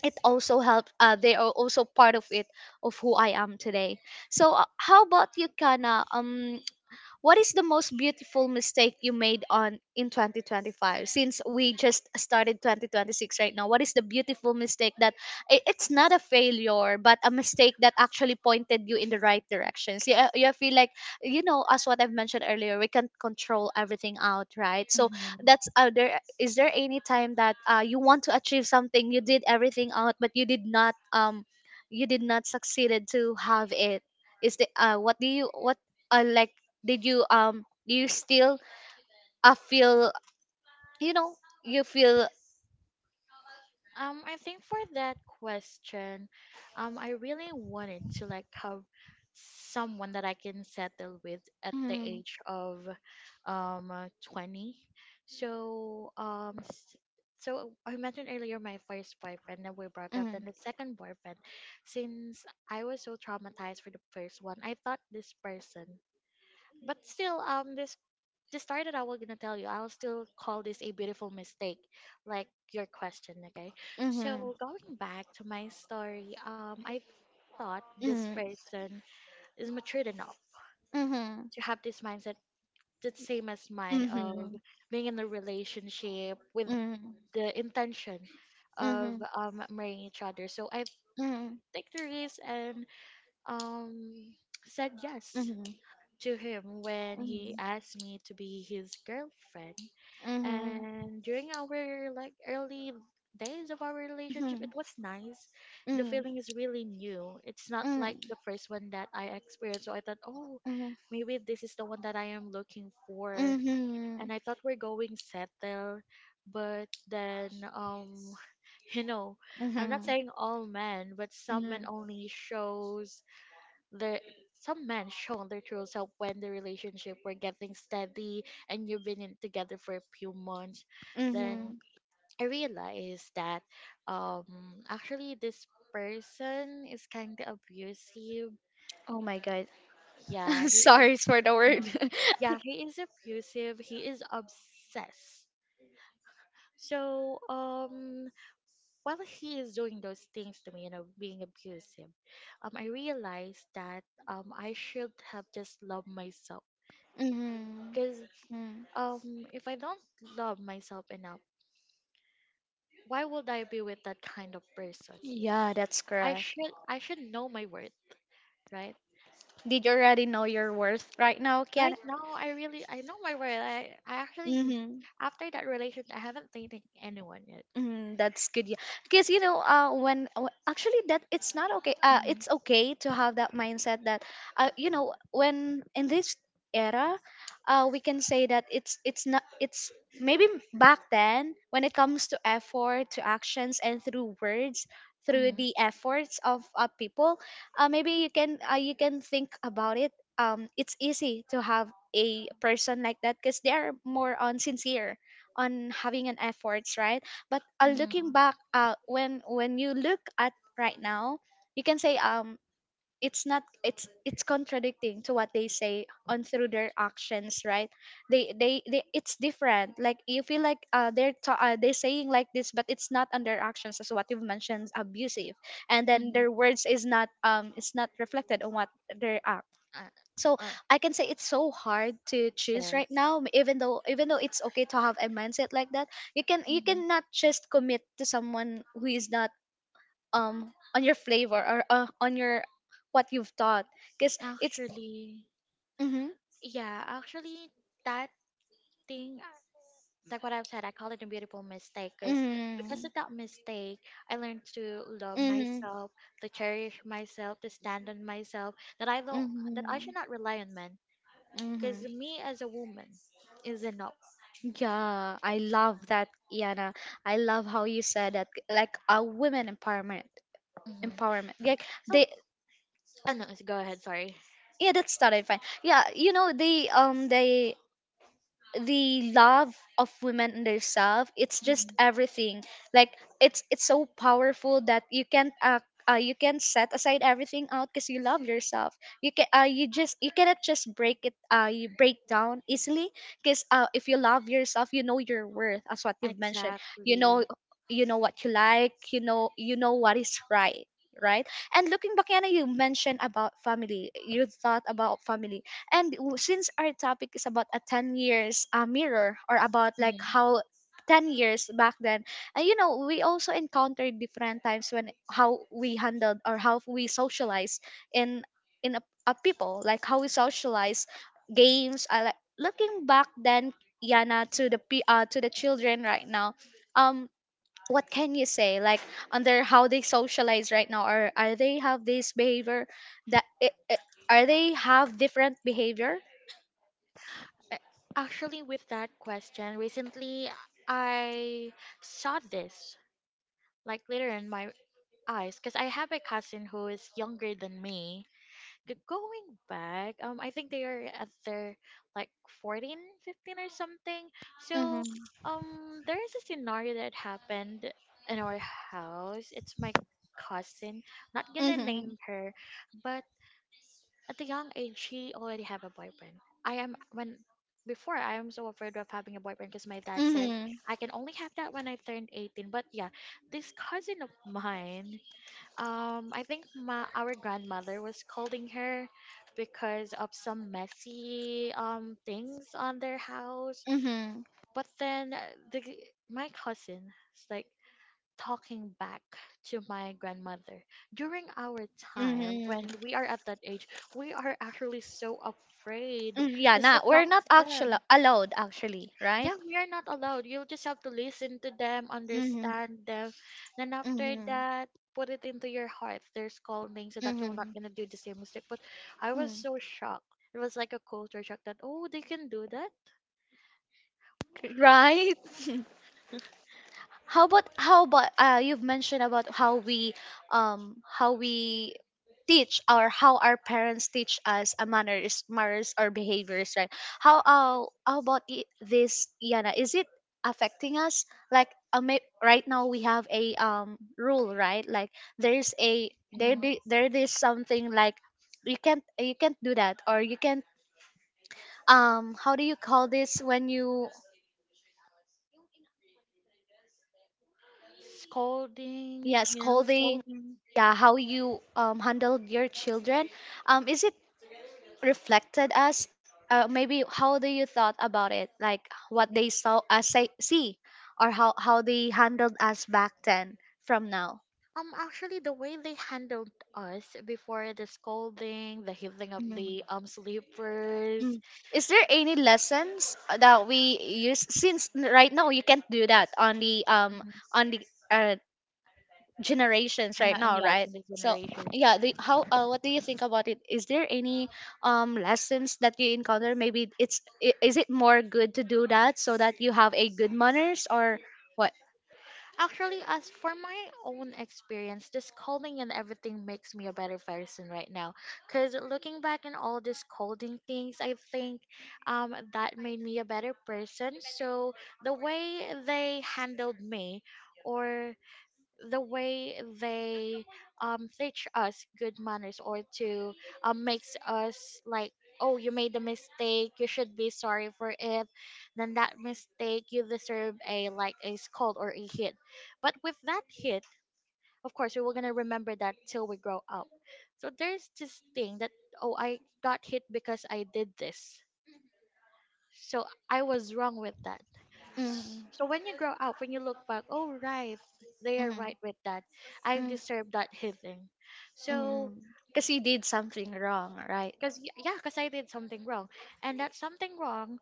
[SPEAKER 1] it also helps, they are also part of it, of who I am today. So how about you, Kana? What is the most beautiful mistake you made on in 2025? Since we just started 2026 right now, what is the beautiful mistake that, it's not a failure, but a mistake that actually pointed you in the right directions? Yeah, you feel like, you know, as what I've mentioned earlier, we can't control everything out, right? So that's there. Is there any time that you want to achieve something, you did everything out, but you did not succeeded to have it? Is the what do you what like, did you do you still feel, you know, you feel.
[SPEAKER 2] I think for that question, I really wanted to like have someone that I can settle with at the
[SPEAKER 1] Mm,
[SPEAKER 2] age of 20. So so I mentioned earlier my first boyfriend that we broke up,
[SPEAKER 1] mm,
[SPEAKER 2] then the second boyfriend, since I was so traumatized for the first one I thought this person, but still this to start it, I was gonna tell you, I'll still call this a beautiful mistake, like your question, okay?
[SPEAKER 1] mm-hmm,
[SPEAKER 2] So going back to my story, I thought this
[SPEAKER 1] mm-hmm,
[SPEAKER 2] person is matured enough
[SPEAKER 1] mm-hmm,
[SPEAKER 2] to have this mindset that's same as mine
[SPEAKER 1] mm-hmm, mm-hmm,
[SPEAKER 2] of being in a relationship with
[SPEAKER 1] mm-hmm,
[SPEAKER 2] the intention of
[SPEAKER 1] mm-hmm,
[SPEAKER 2] marrying each other. So I
[SPEAKER 1] mm-hmm,
[SPEAKER 2] took the risk and um said yes
[SPEAKER 1] mm-hmm, mm-hmm,
[SPEAKER 2] to him when he asked me to be his girlfriend. And during our like early days of our relationship, it was nice. The feeling is really new. It's not like the first one that I experienced. So I thought, oh,
[SPEAKER 1] mm-hmm.
[SPEAKER 2] maybe this is the one that I am looking for.
[SPEAKER 1] Mhm.
[SPEAKER 2] And I thought we're going settle. But then, you know, I'm
[SPEAKER 1] Mhm.
[SPEAKER 2] not saying all men, but some men
[SPEAKER 1] Mhm.
[SPEAKER 2] only shows there some men shown their true self when the relationship were getting steady and you've been in, together for a few months. Then
[SPEAKER 1] Mhm.
[SPEAKER 2] I realized that um actually this person is kind of abusive.
[SPEAKER 1] Oh my god.
[SPEAKER 2] Yeah, he is.
[SPEAKER 1] Sorry for the word.
[SPEAKER 2] Mhm. Yeah, he is abusive. He is obsessed. So, while he is doing those things to me, being abusive, I realized that I should have just loved myself
[SPEAKER 1] Mhm.
[SPEAKER 2] because
[SPEAKER 1] Mm.
[SPEAKER 2] If I don't love myself enough, why would I be with that kind of person?
[SPEAKER 1] Yeah, that's correct.
[SPEAKER 2] I should know my worth, right?
[SPEAKER 1] Did you already know your worth right now, Kian?
[SPEAKER 2] Right now, I know my worth. I actually
[SPEAKER 1] Mhm.
[SPEAKER 2] after that relationship, I haven't dated anyone yet.
[SPEAKER 1] Mm, that's good. Yeah, because you know, when actually that it's not okay.
[SPEAKER 2] Mhm,
[SPEAKER 1] It's okay to have that mindset that, you know, when in this era, we can say that it's not it's maybe back then, when it comes to effort, to actions, and through words, through
[SPEAKER 2] mhm,
[SPEAKER 1] the efforts of people, maybe you can think about it. It's easy to have a person like that, because they are more on sincere on having an efforts, right? But looking
[SPEAKER 2] mhm,
[SPEAKER 1] back, when you look at right now, you can say, it's not it's contradicting to what they say on through their actions, right? They, it's different, like you feel like they're saying like this, but it's not on their actions, as what you've mentioned, abusive. And then
[SPEAKER 2] mhm,
[SPEAKER 1] their words is not, it's not reflected on what they're. So
[SPEAKER 2] uh, uh,
[SPEAKER 1] I can say it's so hard to choose right now, even though, even though it's okay to have a mindset like that, you can, you
[SPEAKER 2] mhm.
[SPEAKER 1] cannot just commit to someone who is not on your flavor, or on your what you've taught. Because it's,
[SPEAKER 2] Actually,
[SPEAKER 1] mm-hmm,
[SPEAKER 2] yeah, actually, that thing like what I've said, I call it a beautiful mistake because
[SPEAKER 1] mm-hmm,
[SPEAKER 2] of that mistake, I learned to love
[SPEAKER 1] mm-hmm.
[SPEAKER 2] myself, to cherish myself, to stand on myself. That I don't, that
[SPEAKER 1] Mm-hmm.
[SPEAKER 2] I should not rely on men
[SPEAKER 1] Mm-hmm.
[SPEAKER 2] because me as a woman is enough.
[SPEAKER 1] Yeah, I love that, Yana. I love how you said that, like a women empowerment,
[SPEAKER 2] Mm-hmm.
[SPEAKER 1] empowerment. Like
[SPEAKER 2] So,
[SPEAKER 1] they,
[SPEAKER 2] oh no, s- go ahead. Sorry.
[SPEAKER 1] yeah, that's totally fine. Yeah, you know, they, the love of women in themselves, it's just
[SPEAKER 2] Mhm.
[SPEAKER 1] everything. Like, it's so powerful that you can't, you can set aside everything out, because you love yourself. You can, you just, you cannot just break it, you break down easily. Because if you love yourself, you know your worth, as what you've mentioned. You know,
[SPEAKER 2] Exactly.
[SPEAKER 1] you know what you like, you know, you know what is right, right. And looking back, Yana, you mentioned about family, you thought about family. And since our topic is about a 10 years mirror, or about like
[SPEAKER 2] Mhm.
[SPEAKER 1] how 10 years back then, and you know, we also encountered different times when how we handled, or how we socialize in in a people, like how we socialize games. I like looking back then, Yana, to the p to the children right now, um what can you say, like, under how they socialize right now, or are they have this behavior that are they have different behavior.
[SPEAKER 2] A- Actually, with that question, recently I saw this like later in my eyes because I have a cousin who is younger than me. Going back, I think they are at their like 14, 15, or something.
[SPEAKER 1] Mm-hmm.
[SPEAKER 2] So, there is a scenario that happened in our house. It's my cousin. Not gonna
[SPEAKER 1] Mm-hmm.
[SPEAKER 2] name her, but at the young age, she already have a boyfriend. I am when before I am so afraid of having a boyfriend because my dad said
[SPEAKER 1] Mm-hmm.
[SPEAKER 2] I can only have that when I turned 18. But yeah, this cousin of mine, I think my our grandmother was scolding her because of some messy things on their house.
[SPEAKER 1] Mm-hmm.
[SPEAKER 2] But then the g- my cousin is like talking back to my grandmother during our time
[SPEAKER 1] Mm-hmm.
[SPEAKER 2] when we are at that age, we are actually so afraid
[SPEAKER 1] Mm, yeah,
[SPEAKER 2] just to
[SPEAKER 1] nah, we're
[SPEAKER 2] talk
[SPEAKER 1] not
[SPEAKER 2] to
[SPEAKER 1] actually
[SPEAKER 2] them.
[SPEAKER 1] allowed actually, right?
[SPEAKER 2] Yeah, we are not allowed. You'll just have to listen to them,
[SPEAKER 1] Mm-hmm.
[SPEAKER 2] understand them, then after
[SPEAKER 1] Mm-hmm.
[SPEAKER 2] that, put it into your heart. They're scolding so that you're not
[SPEAKER 1] Mm-hmm.
[SPEAKER 2] gonna do the same mistake. But I was so shocked. It was like a culture shock that oh, they can do that.
[SPEAKER 1] Right. How about, how about you've mentioned about how we teach, or how our parents teach us a manners, manners or behaviors, right? How how about, this Yana, is it affecting us, like, right now we have a rule, right? Like, there's a, there is something like you can't, you can't do that, or you can't how do you call this when you,
[SPEAKER 2] Scolding,
[SPEAKER 1] yeah,
[SPEAKER 2] yeah,
[SPEAKER 1] scolding,
[SPEAKER 2] scolding.
[SPEAKER 1] yeah. How you handled your children, is it reflected as, maybe how do you thought about it, like what they saw, say see, or how they handled us back then from now.
[SPEAKER 2] Actually, the way they handled us before, the scolding, the healing of the
[SPEAKER 1] Mm,
[SPEAKER 2] sleepers,
[SPEAKER 1] mm. Is there any lessons that we use, since right now you can't do that
[SPEAKER 2] mhm,
[SPEAKER 1] on the uh, generations
[SPEAKER 2] and
[SPEAKER 1] right
[SPEAKER 2] not in,
[SPEAKER 1] now,
[SPEAKER 2] yes,
[SPEAKER 1] right?
[SPEAKER 2] in this
[SPEAKER 1] So
[SPEAKER 2] generation.
[SPEAKER 1] yeah, the, how, what do you think about it? Is there any lessons that you encounter? Maybe it's, is it more good to do that, so that you have a good manners, or what?
[SPEAKER 2] Actually, as for my own experience, the scolding and everything makes me a better person right now. Cause looking back in all the scolding things, I think that made me a better person. So the way they handled me, or the way they teach us good manners, or to makes us like, oh you made a mistake, you should be sorry for it, then that mistake you deserve a like a scold or a hit. But with that hit, of course we were going to remember that till we grow up. So there's this thing that oh, I got hit because I did this, so I was wrong with that.
[SPEAKER 1] Mm,
[SPEAKER 2] So when you grow up, when you look back, oh right, they are
[SPEAKER 1] mm,
[SPEAKER 2] right with that. I
[SPEAKER 1] mm,
[SPEAKER 2] deserve that hitting. So
[SPEAKER 1] mm. Because you did something wrong, right?
[SPEAKER 2] because yeah, because I did something wrong, and that something wrong,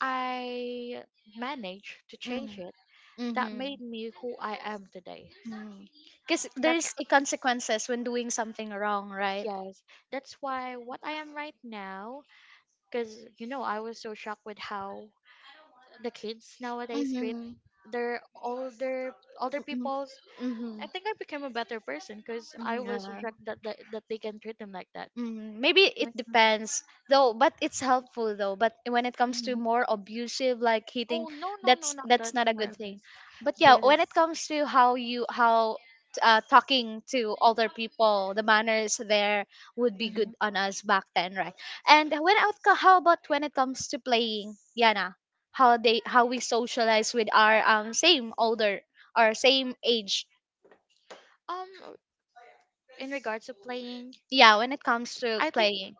[SPEAKER 2] I managed to change
[SPEAKER 1] Mm,
[SPEAKER 2] it. That
[SPEAKER 1] mm-hmm,
[SPEAKER 2] made me who I am today.
[SPEAKER 1] mm. Because
[SPEAKER 2] That's
[SPEAKER 1] there's a consequences when doing something wrong, right?
[SPEAKER 2] yes. That's why what I am right now. Because, you know, I was so shocked with how the kids nowadays treat
[SPEAKER 1] Mm-hmm,
[SPEAKER 2] their older people's.
[SPEAKER 1] mm-hmm,
[SPEAKER 2] I think I became a better person because I was so
[SPEAKER 1] mm-hmm.
[SPEAKER 2] shocked that, that they can treat them like that.
[SPEAKER 1] Mm, maybe
[SPEAKER 2] Like,
[SPEAKER 1] it depends, though, but it's helpful, though, but when it comes to
[SPEAKER 2] mhm.
[SPEAKER 1] more abusive like hitting,
[SPEAKER 2] Oh no no no,
[SPEAKER 1] that's
[SPEAKER 2] not
[SPEAKER 1] that's
[SPEAKER 2] that
[SPEAKER 1] not a
[SPEAKER 2] more
[SPEAKER 1] good thing.
[SPEAKER 2] abuse.
[SPEAKER 1] But yeah, when
[SPEAKER 2] Yes.
[SPEAKER 1] it comes to how you how, talking to older people, the manners there, would be
[SPEAKER 2] Hmm.
[SPEAKER 1] good on us back then, right? And when out, how about when it comes to playing, Yana, how they how we socialize with our same older or same age,
[SPEAKER 2] Um, in regards to playing,
[SPEAKER 1] yeah, when it comes to
[SPEAKER 2] I think
[SPEAKER 1] playing,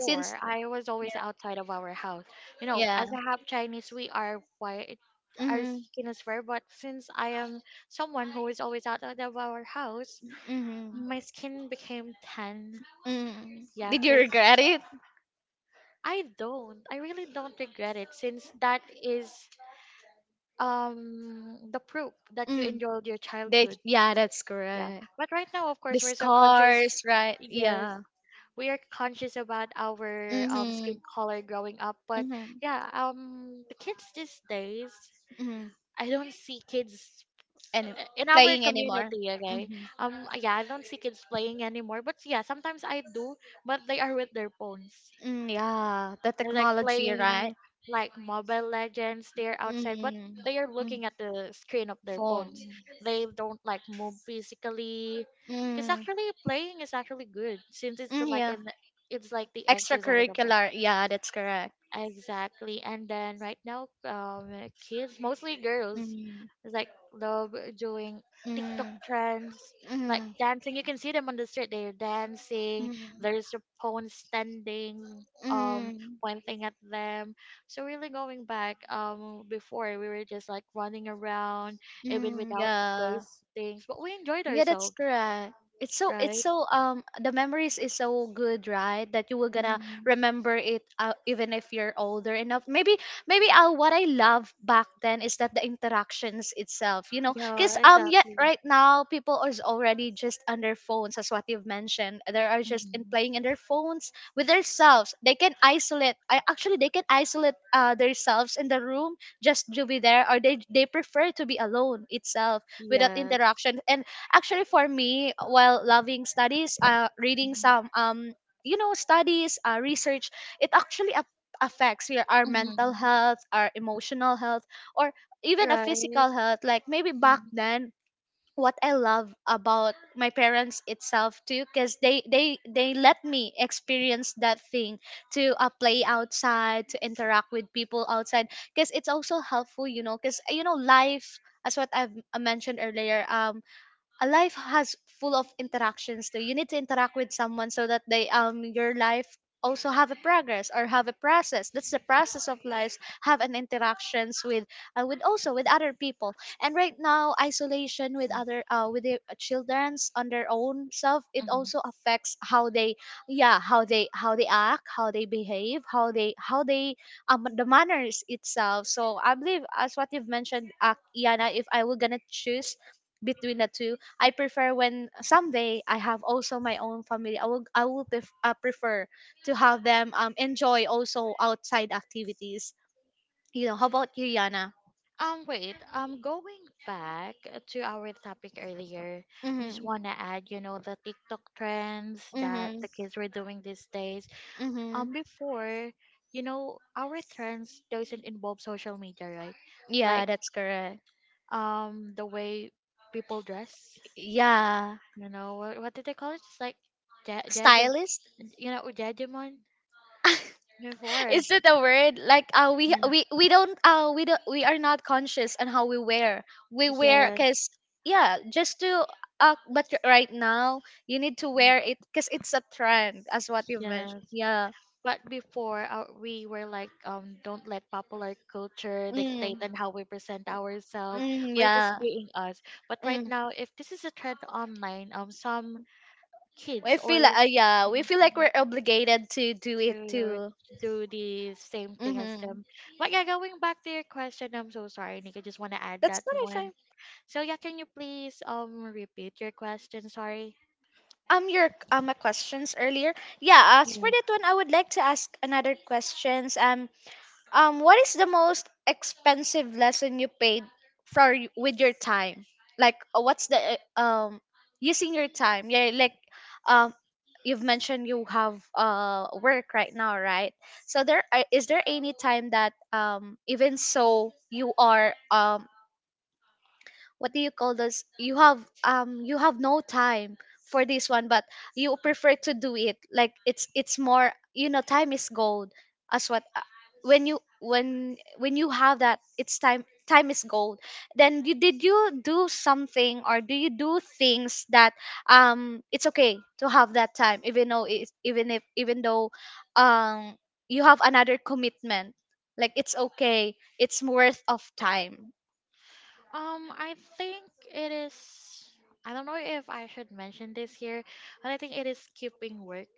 [SPEAKER 1] since,
[SPEAKER 2] I was always
[SPEAKER 1] yeah,
[SPEAKER 2] outside of our house. You know,
[SPEAKER 1] yeah.
[SPEAKER 2] as a half Chinese, we are quiet, our
[SPEAKER 1] Mm-hmm.
[SPEAKER 2] skin is fair, but since I am someone who is always out of our house,
[SPEAKER 1] Mm-hmm.
[SPEAKER 2] my skin became tan.
[SPEAKER 1] Mm.
[SPEAKER 2] Yeah,
[SPEAKER 1] Did you
[SPEAKER 2] cause
[SPEAKER 1] regret it?
[SPEAKER 2] I don't. I really don't regret it since that is the proof that you
[SPEAKER 1] Mm.
[SPEAKER 2] enjoyed your
[SPEAKER 1] They,
[SPEAKER 2] childhood.
[SPEAKER 1] yeah, that's
[SPEAKER 2] Yeah.
[SPEAKER 1] correct.
[SPEAKER 2] But right now, of
[SPEAKER 1] The
[SPEAKER 2] course, we're so conscious.
[SPEAKER 1] scars, right?
[SPEAKER 2] Yes.
[SPEAKER 1] Yeah.
[SPEAKER 2] We are conscious about our
[SPEAKER 1] Mm-hmm.
[SPEAKER 2] skin color growing up, but
[SPEAKER 1] Mm-hmm.
[SPEAKER 2] yeah, the kids these days,
[SPEAKER 1] Mm-hmm.
[SPEAKER 2] I don't see kids
[SPEAKER 1] And
[SPEAKER 2] in our
[SPEAKER 1] playing anymore.
[SPEAKER 2] community, okay?
[SPEAKER 1] Hmm.
[SPEAKER 2] Yeah, I don't see kids playing anymore, but yeah, sometimes I do, but they are with their phones.
[SPEAKER 1] Mm, yeah, the
[SPEAKER 2] They're like
[SPEAKER 1] technology, right?
[SPEAKER 2] playing like Mobile Legends. They're outside, but
[SPEAKER 1] Mm,
[SPEAKER 2] they are
[SPEAKER 1] mm,
[SPEAKER 2] looking at the screen of their
[SPEAKER 1] phone.
[SPEAKER 2] phones. They don't like move physically, because
[SPEAKER 1] Mm,
[SPEAKER 2] actually playing is actually good since it's
[SPEAKER 1] mm,
[SPEAKER 2] like
[SPEAKER 1] yeah,
[SPEAKER 2] an it's like the exercise of us.
[SPEAKER 1] extracurricular. Yeah, that's correct.
[SPEAKER 2] Exactly. And then right now, kids, mostly girls,
[SPEAKER 1] Mm,
[SPEAKER 2] like love doing TikTok
[SPEAKER 1] mm.
[SPEAKER 2] trends, like
[SPEAKER 1] Mm.
[SPEAKER 2] dancing. You can see them on the street. They're dancing.
[SPEAKER 1] Mm.
[SPEAKER 2] There's a phone standing,
[SPEAKER 1] Mm.
[SPEAKER 2] pointing at them. So really going back, before we were just like running around, even
[SPEAKER 1] Mm,
[SPEAKER 2] without
[SPEAKER 1] yeah.
[SPEAKER 2] those things, but we enjoyed
[SPEAKER 1] Yeah, that's
[SPEAKER 2] ourselves,
[SPEAKER 1] correct. It's so it's
[SPEAKER 2] right?
[SPEAKER 1] so um the memories is so good, right? That you will gonna
[SPEAKER 2] Mhm.
[SPEAKER 1] remember it even if you're older enough. Maybe what I love back then is that the interactions itself, you know,
[SPEAKER 2] Yeah,
[SPEAKER 1] because yeah,
[SPEAKER 2] exactly.
[SPEAKER 1] right now people are already just on their phones, as what you've mentioned. They are just in
[SPEAKER 2] Mhm.
[SPEAKER 1] playing in their phones with themselves. They can isolate. I actually they can isolate themselves in the room just to be there, or they prefer to be alone itself without
[SPEAKER 2] Yes.
[SPEAKER 1] interaction. And actually for me, while loving studies, reading
[SPEAKER 2] Mhm.
[SPEAKER 1] some you know studies research, it actually affects your our mental
[SPEAKER 2] Mhm.
[SPEAKER 1] health, our emotional health, or even a
[SPEAKER 2] Right.
[SPEAKER 1] physical health. Like maybe back
[SPEAKER 2] Mhm.
[SPEAKER 1] then, what I love about my parents itself too, because they let me experience that thing, to play outside, to interact with people outside, because it's also helpful, you know, because you know life, as what I've mentioned earlier, a life has full of interactions too. You need to interact with someone so that they your life also have a progress or have a process. That's the process of life, have an interactions with also with other people. And right now isolation with other with the children's on their own self, it
[SPEAKER 2] Mhm.
[SPEAKER 1] also affects how they, yeah, how they act, how they behave, how they the manners itself. So I believe, as what you've mentioned, Iana, if I were gonna choose between the two, I prefer when someday I have also my own family. I will prefer to have them enjoy also outside activities. You know, how about you, Yana?
[SPEAKER 2] Wait, going back to our topic earlier, I just
[SPEAKER 1] Mhm.
[SPEAKER 2] want to add, you know, the TikTok trends that
[SPEAKER 1] Mhm.
[SPEAKER 2] the kids were doing these days.
[SPEAKER 1] Mhm.
[SPEAKER 2] Before, you know, our trends doesn't involve social media, right? Like,
[SPEAKER 1] Yeah, that's correct.
[SPEAKER 2] the way people dress,
[SPEAKER 1] Yeah.
[SPEAKER 2] you know, what did they call it? It's like, ja- jadi-
[SPEAKER 1] Stylist?
[SPEAKER 2] you know, judgment before.
[SPEAKER 1] Is it a word, like we are not conscious on how we wear
[SPEAKER 2] Yeah.
[SPEAKER 1] because, yeah, just to, right now you need to wear it because it's a trend, as what you mentioned.
[SPEAKER 2] Yes.
[SPEAKER 1] Yeah.
[SPEAKER 2] But before we were like, don't let popular culture
[SPEAKER 1] Mm,
[SPEAKER 2] dictate on how we present ourselves.
[SPEAKER 1] mm,
[SPEAKER 2] We're
[SPEAKER 1] yeah.
[SPEAKER 2] just being us. But right
[SPEAKER 1] Mm.
[SPEAKER 2] now, if this is a trend online, some
[SPEAKER 1] We
[SPEAKER 2] kids or
[SPEAKER 1] feel like,
[SPEAKER 2] s-
[SPEAKER 1] yeah, we feel like we're obligated to do it
[SPEAKER 2] to
[SPEAKER 1] too.
[SPEAKER 2] do the same thing as
[SPEAKER 1] Mm-hmm.
[SPEAKER 2] them. But yeah, going back to your question, I'm so sorry, Nick. I just want to add
[SPEAKER 1] That's
[SPEAKER 2] that
[SPEAKER 1] what I,
[SPEAKER 2] one. So yeah, can you please repeat your question? Sorry.
[SPEAKER 1] your my questions earlier. Yeah, as for that one, I would like to ask another questions. Um, what is the most expensive lesson you paid for, with your time? Like, what's the uh, um using your time? Yeah, like, um you've mentioned you have work right now, right? So there, is there any time that, even so you are, what do you call this, you have, you have no time for this one, but you prefer to do it? Like it's more, you know, time is gold, as what, when you when when you have that, it's time, time is gold. Then you, did you do something, or do you do things that, it's okay to have that time, even though it, even if even though um you have another commitment? Like it's okay, it's worth of time
[SPEAKER 2] I think it is. I don't know if I should mention this here, but I think it is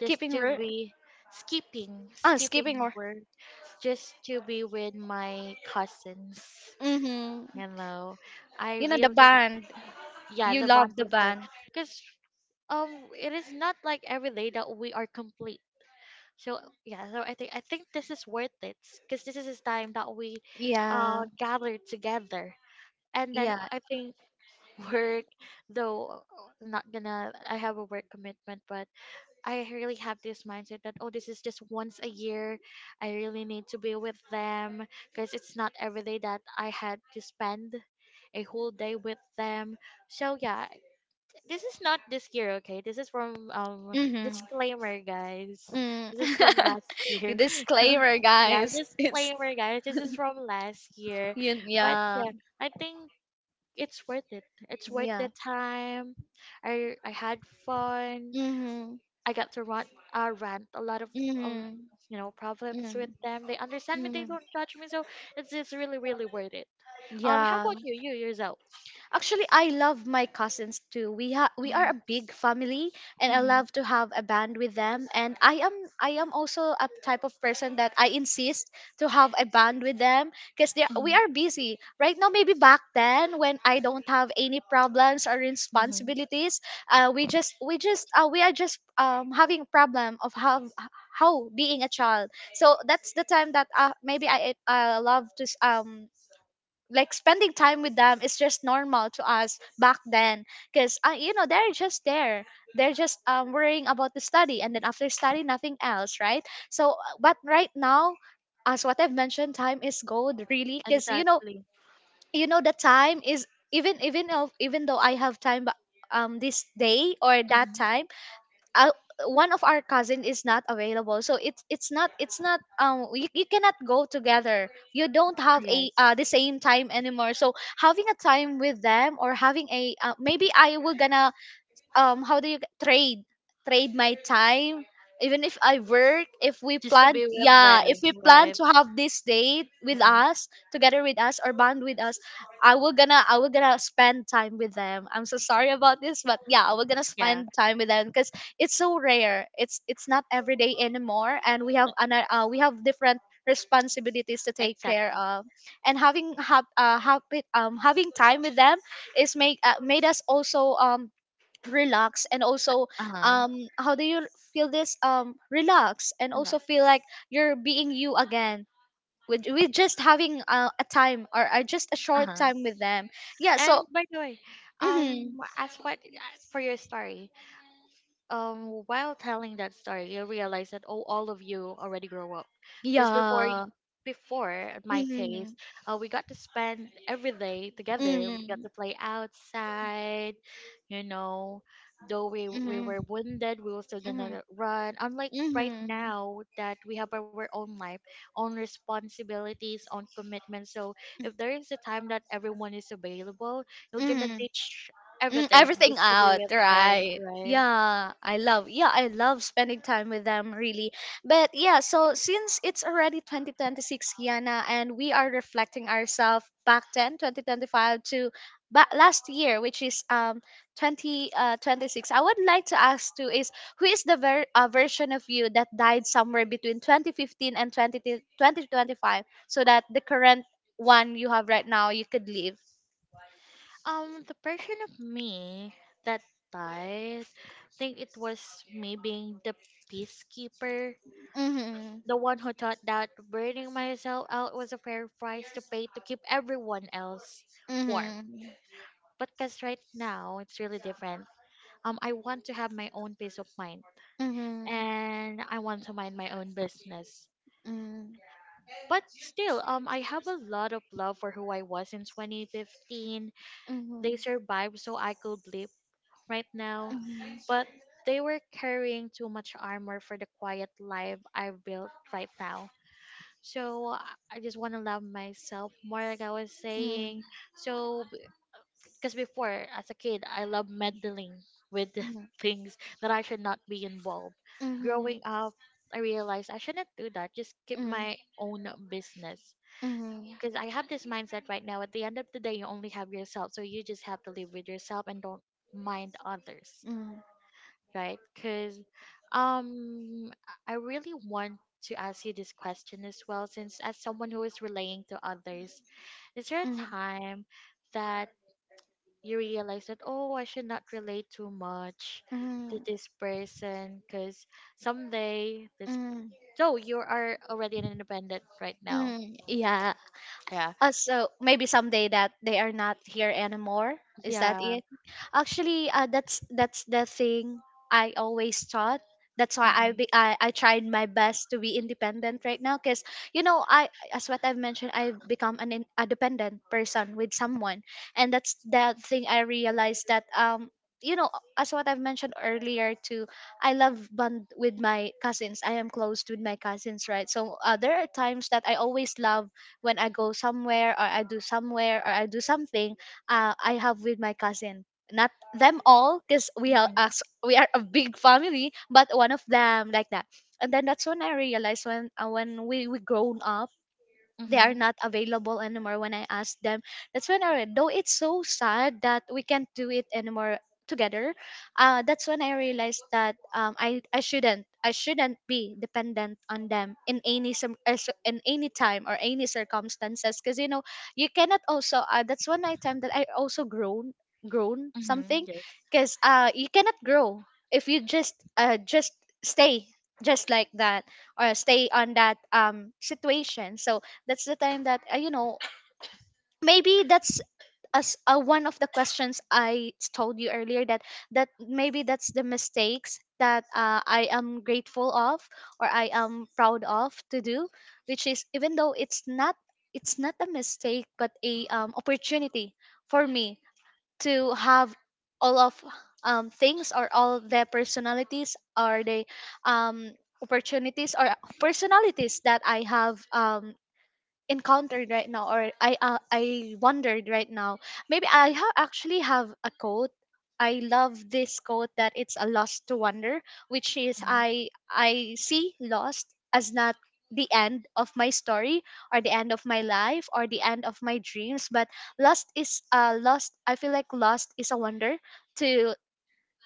[SPEAKER 2] just
[SPEAKER 1] keeping.
[SPEAKER 2] to
[SPEAKER 1] Right.
[SPEAKER 2] be skipping,
[SPEAKER 1] Ah, skipping
[SPEAKER 2] skipping
[SPEAKER 1] or,
[SPEAKER 2] work just to be with my cousins.
[SPEAKER 1] mm-hmm.
[SPEAKER 2] You know, I
[SPEAKER 1] You know the
[SPEAKER 2] really,
[SPEAKER 1] band.
[SPEAKER 2] yeah,
[SPEAKER 1] You
[SPEAKER 2] the bond
[SPEAKER 1] love the
[SPEAKER 2] with them
[SPEAKER 1] band.
[SPEAKER 2] because um, it is not like every day that we are complete. So yeah, so I think this is worth it because this is the time that we
[SPEAKER 1] Yeah.
[SPEAKER 2] gather together and then
[SPEAKER 1] Yeah.
[SPEAKER 2] I think work though, I'm not gonna, I have a work commitment, but I really have this mindset that oh, this is just once a year, I really need to be with them because it's not every day that I had to spend a whole day with them. So yeah, this is not this year, okay? This is from
[SPEAKER 1] Mm-hmm.
[SPEAKER 2] disclaimer guys,
[SPEAKER 1] Mm.
[SPEAKER 2] this is from last year.
[SPEAKER 1] Disclaimer,
[SPEAKER 2] Yeah,
[SPEAKER 1] guys. It's
[SPEAKER 2] disclaimer guys, this is from last year.
[SPEAKER 1] you,
[SPEAKER 2] But
[SPEAKER 1] yeah.
[SPEAKER 2] yeah, I think it's worth it. It's worth
[SPEAKER 1] Yeah.
[SPEAKER 2] the time. I had fun.
[SPEAKER 1] Mm-hmm.
[SPEAKER 2] I got to rant, rant a lot of um
[SPEAKER 1] Mm-hmm.
[SPEAKER 2] you know problems with
[SPEAKER 1] Mm-hmm.
[SPEAKER 2] them. They understand me. They
[SPEAKER 1] Mm-hmm.
[SPEAKER 2] don't judge me. So it's just really really worth it. How
[SPEAKER 1] Yeah.
[SPEAKER 2] about you? You yourself?
[SPEAKER 1] Actually, I love my cousins too. We are
[SPEAKER 2] Hmm.
[SPEAKER 1] a big family, and I love
[SPEAKER 2] Hmm.
[SPEAKER 1] to have a band with them. And I am also a type of person that I insist to have a band with them, because they,
[SPEAKER 2] Hmm.
[SPEAKER 1] we are busy right now. Maybe back then when I don't have any problems or
[SPEAKER 2] Hmm.
[SPEAKER 1] responsibilities, we are just having problem of how being a child. So that's the time that, maybe I love to, like, spending time with them is just normal to us back then, because, you know, they're just there, they're just, worrying about the study, and then after study nothing else, right? So, but right now, as what I've mentioned, time is gold, really, because, you know,
[SPEAKER 2] Exactly.
[SPEAKER 1] you know the time is, even though I have time, this day or that
[SPEAKER 2] Hmm.
[SPEAKER 1] time, uh, one of our cousin is not available. So it's, it's not you, you cannot go together, you don't have
[SPEAKER 2] Yes.
[SPEAKER 1] a, the same time anymore. So having a time with them, or having a, maybe I will gonna, how do you g- trade, trade my time even if I work. If we
[SPEAKER 2] Just to
[SPEAKER 1] plan,
[SPEAKER 2] be with
[SPEAKER 1] yeah, if
[SPEAKER 2] them,
[SPEAKER 1] we plan
[SPEAKER 2] right?
[SPEAKER 1] to have this date with
[SPEAKER 2] Hmm.
[SPEAKER 1] us, together with us, or bond with us, I will gonna spend time with them. I'm so sorry about this, but yeah, I will gonna
[SPEAKER 2] Yeah.
[SPEAKER 1] spend time with them because it's so rare, it's not every day anymore, and we have an, we have different responsibilities to take care
[SPEAKER 2] Exactly.
[SPEAKER 1] of. And having happy, having time with them is make, made us also, relax, and also,
[SPEAKER 2] Uh huh.
[SPEAKER 1] how do you feel this, relax, and
[SPEAKER 2] Hang on.
[SPEAKER 1] also feel like you're being you again, with just having a time, or, just a short
[SPEAKER 2] Uh
[SPEAKER 1] time with them. Yeah,
[SPEAKER 2] And
[SPEAKER 1] so,
[SPEAKER 2] by the way,
[SPEAKER 1] mhm,
[SPEAKER 2] um, as what as for your story, while telling that story you realize that oh, all of you already grow up because
[SPEAKER 1] yeah.
[SPEAKER 2] before in
[SPEAKER 1] Mhm.
[SPEAKER 2] my case
[SPEAKER 1] Mhm.
[SPEAKER 2] we got to spend every day together, we got
[SPEAKER 1] Mhm.
[SPEAKER 2] to play outside, you know, though we were wounded we were still
[SPEAKER 1] Mhm.
[SPEAKER 2] gonna run, unlike right
[SPEAKER 1] Mhm.
[SPEAKER 2] now that we have our own life, own responsibilities, own commitments. So if there is a time that everyone is available, you're gonna
[SPEAKER 1] Mhm.
[SPEAKER 2] ditch
[SPEAKER 1] Mm,
[SPEAKER 2] everything
[SPEAKER 1] everything
[SPEAKER 2] just to be
[SPEAKER 1] out,
[SPEAKER 2] with them,
[SPEAKER 1] right?
[SPEAKER 2] right?
[SPEAKER 1] Yeah, I love. Yeah, I love spending time with them. Really, but yeah, so since it's already 2026, Kiana, and we are reflecting ourselves back then, 2025 to back last year, which is 20 26. I would like to ask too, is, who is the version of you that died somewhere between 2015 and twenty five, so that the current one you have right now you could leave.
[SPEAKER 2] The version of me that died, I think it was me being the peacekeeper,
[SPEAKER 1] Mhm.
[SPEAKER 2] the one who thought that burning myself out was a fair price to pay to keep everyone else warm. But because right now it's really different. I want to have my own peace of mind,
[SPEAKER 1] Mm-hmm. Mm-hmm.
[SPEAKER 2] and I want to mind my own business.
[SPEAKER 1] Mm-hmm.
[SPEAKER 2] But still, I have a lot of love for who I was in 2015. They survived so I could live right now,
[SPEAKER 1] Mm-hmm.
[SPEAKER 2] but they were carrying too much armor for the quiet
[SPEAKER 1] Mm-hmm.
[SPEAKER 2] life I've built right now. So I just want to love myself more, like I was saying. So, because before, as a kid, I loved meddling with things that I should not be involved. Growing up, I realized I shouldn't do that. Just keep my own business. Because I have this mindset right now. At the end of the day, you only have yourself. So you just have to live with yourself and don't mind others, right? Because um, I really want to ask you this question as well, since as someone who is relaying to others, is there a time that you realize that, oh, I should not relate too much to this person because someday this. So you are already an independent right now. Yeah.
[SPEAKER 1] So maybe someday that they are not here anymore. Is that
[SPEAKER 2] Yeah.
[SPEAKER 1] it? Actually, that's the thing I always thought. That's why I, be, I tried my best to be independent right now, because, you know, I, as what I've mentioned, I've become an in, a dependent person with someone. And that's the thing I realized, that, you know, as what I've mentioned earlier too, I love bond with my cousins, I am close with my cousins, right? So, there are times that I always love, when I go somewhere, or I do somewhere, or I do something, I have with my cousin. Not them all, because we are
[SPEAKER 2] Mhm,
[SPEAKER 1] us, we are a big family, but one of them, like that. And then that's when I realized, when, when we grown up,
[SPEAKER 2] mhm,
[SPEAKER 1] they are
[SPEAKER 2] mhm.
[SPEAKER 1] not available anymore when I ask them. That's when I re-, though it's so sad that we can't do it anymore together. That's when I realized that, I shouldn't be dependent on them in any some, in any time or any circumstances, because, you know, you cannot also, that's one I time that I also grown, grown
[SPEAKER 2] Mm-hmm.
[SPEAKER 1] something,
[SPEAKER 2] Yes.
[SPEAKER 1] because, you cannot grow if you just, just stay, just like that, or stay on that, situation. So that's the time that, you know, maybe that's, as, one of the questions I told you earlier, that, that maybe that's the mistakes that, I am grateful of, or I am proud of to do, which is, even though it's not, it's not a mistake, but a, opportunity for me to have all of, things, or all the personalities, or the, um, opportunities, or personalities that I have, encountered right now, or I, I wondered right now. Maybe I actually have a quote. I love this quote, that it's a loss to wonder, which is, I see lost as not the end of my story, or the end of my life, or the end of my dreams, but lost is, lost I feel like lost is a wonder to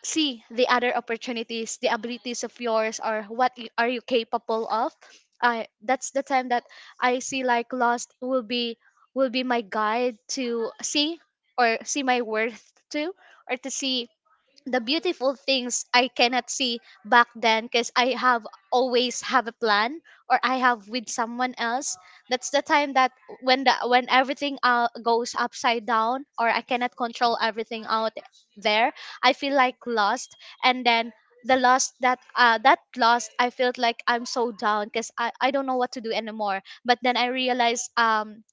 [SPEAKER 1] see the other opportunities, the abilities of yours, or what you, are you capable of. I, that's the time that I see, like lost will be, will be my guide to see, or see my worth to, or to see the beautiful things I cannot see back then, because I have always have a plan, or I have with someone else. That's the time that, when the when everything, goes upside down, or I cannot control everything out there, I feel like lost. And then the lost that, I felt like I'm so down because I don't know what to do anymore. But then I realized,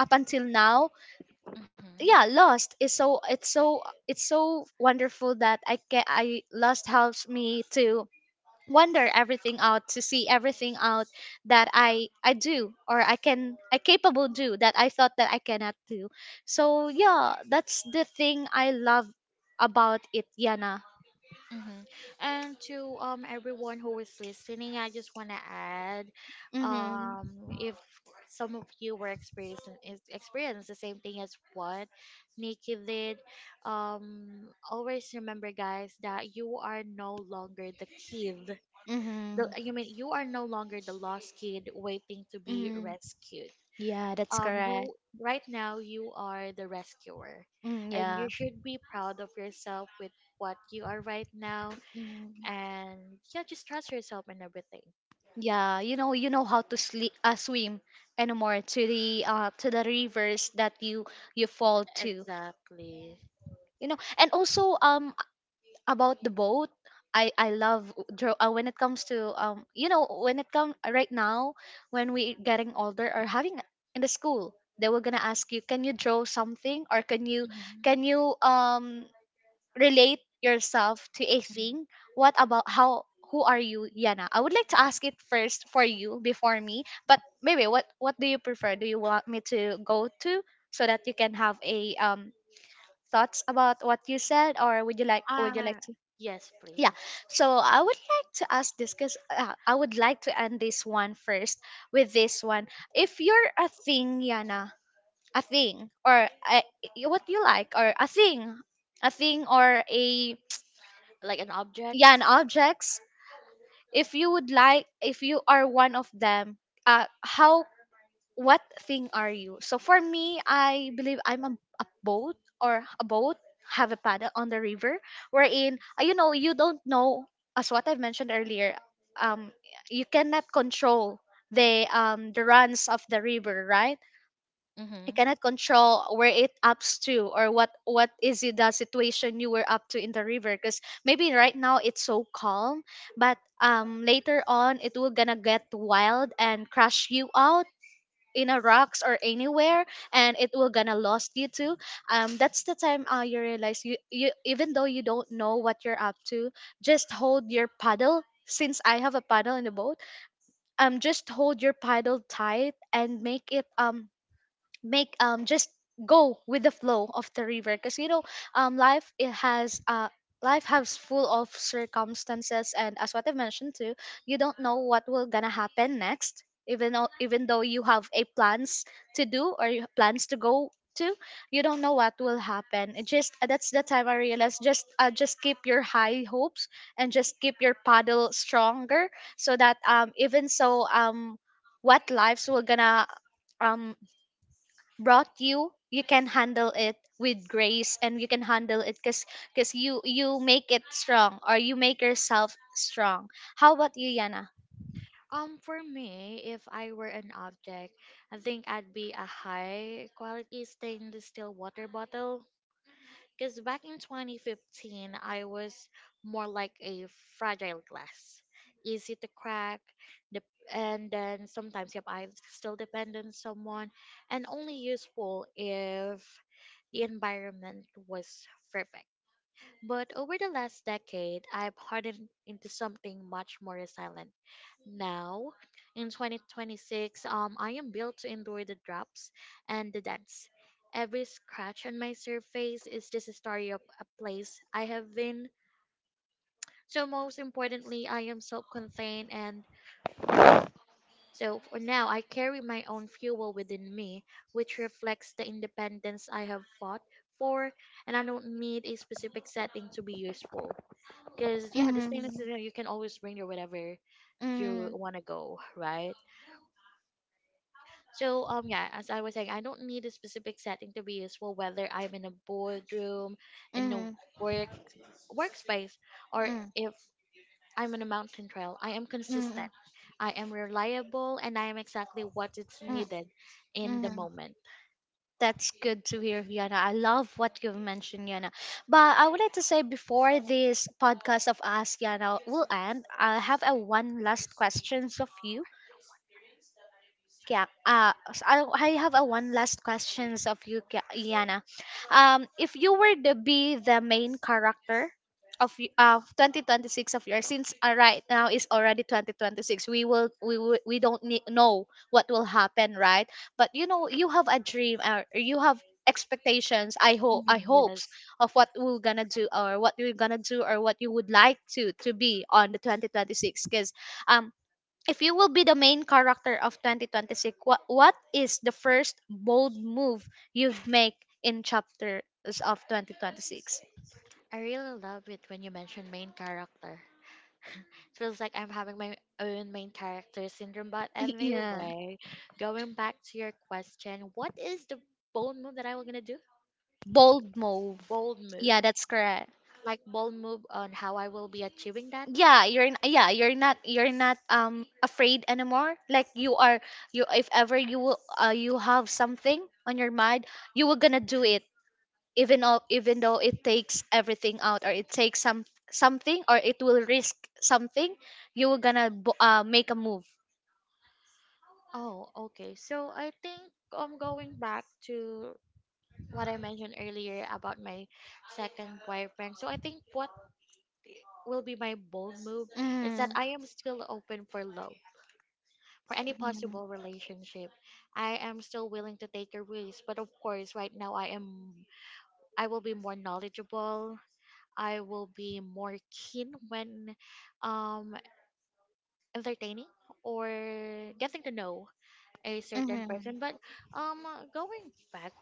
[SPEAKER 1] up until now,
[SPEAKER 2] Mm-hmm.
[SPEAKER 1] yeah, lost is so, it's so wonderful that I lost helps me to wonder everything out, to see everything out that I do, or I capable do that I thought that I cannot do. So yeah, that's the thing I love about it, Yana.
[SPEAKER 2] Mm-hmm. And to everyone who is listening, I just want to add,
[SPEAKER 1] Mm-hmm.
[SPEAKER 2] um, if some of you were experiencing is experience the same thing as what Nikki did, um, always remember, guys, that you are no longer the kid. The you
[SPEAKER 1] Mm-hmm.
[SPEAKER 2] mean you are no longer the lost kid waiting to be
[SPEAKER 1] Mm-hmm.
[SPEAKER 2] rescued.
[SPEAKER 1] Yeah, that's correct.
[SPEAKER 2] You right now, you are the rescuer,
[SPEAKER 1] Mm,
[SPEAKER 2] and
[SPEAKER 1] yeah.
[SPEAKER 2] you should be proud of yourself with what you are right now.
[SPEAKER 1] Mm.
[SPEAKER 2] And yeah, just trust yourself in everything.
[SPEAKER 1] Yeah, you know how to sleep, swim anymore, to the rivers that you fall to.
[SPEAKER 2] Exactly.
[SPEAKER 1] You know, and also, about the boat, I love, when it comes to, you know, when it come right now when we getting older, or having in the school they were gonna ask, you can you draw something, or
[SPEAKER 2] Mhm.
[SPEAKER 1] can you, relate yourself to a
[SPEAKER 2] Mhm.
[SPEAKER 1] thing, what about how, who are you, Yana? I would like to ask it first for you before me, but maybe what do you prefer? Do you want me to go to, so that you can have a, thoughts about what you said? Or would you like
[SPEAKER 2] Ah,
[SPEAKER 1] to...
[SPEAKER 2] yes please.
[SPEAKER 1] Yeah, so I would like to ask this because, I would like to end this one first with this one. If you're a thing, Yana, a thing or a... what you like, or a thing or a...
[SPEAKER 2] Like an object.
[SPEAKER 1] yeah, and objects. If you would like, if you are one of them, how, what thing are you? So for me, I believe I'm a boat, or a boat have a paddle on the river, wherein, you know, you don't know, as what I've mentioned earlier, um you cannot control the, the runs of the river, right? I
[SPEAKER 2] Mm-hmm.
[SPEAKER 1] cannot control where it ups to, or what is it, the situation you were up to in the river, because maybe right now it's so calm, but later on it will gonna get wild and crush you out in a rocks or anywhere, and it will gonna lost you too. That's the time, you realize you even though you don't know what you're up to, just hold your paddle, since I have a paddle in the boat. Just hold your paddle tight and make it, make just go with the flow of the river, because you know, life, it has life has full of circumstances, and as what I mentioned too, you don't know what will gonna happen next. Even though you have a plans to do, or you have plans to go to, you don't know what will happen. It just That's the time I realized, just keep your high hopes and just keep your paddle stronger. So that, even so, what lives will gonna, um brought you, you can handle it with grace, and you can handle it, because you make it strong, or you make yourself strong. How about you, Yana?
[SPEAKER 2] For me, if I were an object, I think I'd be a high quality stainless steel water bottle. Because back in 2015, I was more like a fragile glass, easy to crack. And then sometimes, yep, I still depend on someone, and only useful if the environment was perfect. But over the last decade, I've hardened into something much more resilient now. In 2026, I am built to endure the drops and the dents. Every scratch on my surface is just a story of a place I have been. So, most importantly, I am self contained and portable. So, for now, I carry my own fuel within me, which reflects the independence I have fought for, and I don't need a specific setting to be useful. Because, yeah, the stainless
[SPEAKER 1] Mm-hmm.
[SPEAKER 2] is there, you can always bring your whatever you
[SPEAKER 1] Mm-hmm.
[SPEAKER 2] want to go, right? So um, yeah, as I was saying, I don't need a specific setting to be useful, whether I'm in a boardroom, in a work workspace, or
[SPEAKER 1] Mm-hmm.
[SPEAKER 2] if I'm on a mountain trail. I am consistent. I am reliable and I am exactly what it's needed in
[SPEAKER 1] Mm-hmm.
[SPEAKER 2] the
[SPEAKER 1] Mm-hmm.
[SPEAKER 2] moment.
[SPEAKER 1] That's good to hear, Yana. I love what you've mentioned, Yana. But I would like to say, before this podcast of us, Yana, will end, I have a one last questions of you. Yeah. I have a one last questions of you, Yana. If you were to be the main character of 2026 of yours, since, right now is already 2026, we don't need, know what will happen, right? But you know, you have a dream, or you have expectations. I
[SPEAKER 2] Mhm,
[SPEAKER 1] hopes
[SPEAKER 2] yes.
[SPEAKER 1] of what we're gonna do, or what you would like to be on the 2026. Because, um if you will be the main character of 2026, what is the first bold move you'd make in chapters of 2026?
[SPEAKER 2] I really love it when you mention main character, feels like I'm having my own main character syndrome. But
[SPEAKER 1] Yeah,
[SPEAKER 2] anyway, going back to your question, what is the bold move that I was gonna do?
[SPEAKER 1] bold move.
[SPEAKER 2] Bold move,
[SPEAKER 1] Yeah, that's correct.
[SPEAKER 2] like bold move on how I will be achieving that.
[SPEAKER 1] Yeah, you're not, afraid anymore, like you are, you if ever you will, you have something on your mind, you were gonna do it. Even though it takes everything out, or it takes something, or it will risk something, you were gonna make a move.
[SPEAKER 2] Oh, okay. So I think I'm going back to what I mentioned earlier about my second boyfriend. So I think what will be my bold move is that
[SPEAKER 1] Mm.
[SPEAKER 2] I am still open for love, for any possible relationship. I am still willing to take a risk, but of course, right now I will be more knowledgeable. I will be more keen when um entertaining or getting to know a
[SPEAKER 1] Mhm.
[SPEAKER 2] certain
[SPEAKER 1] Mhm.
[SPEAKER 2] person. But um going back,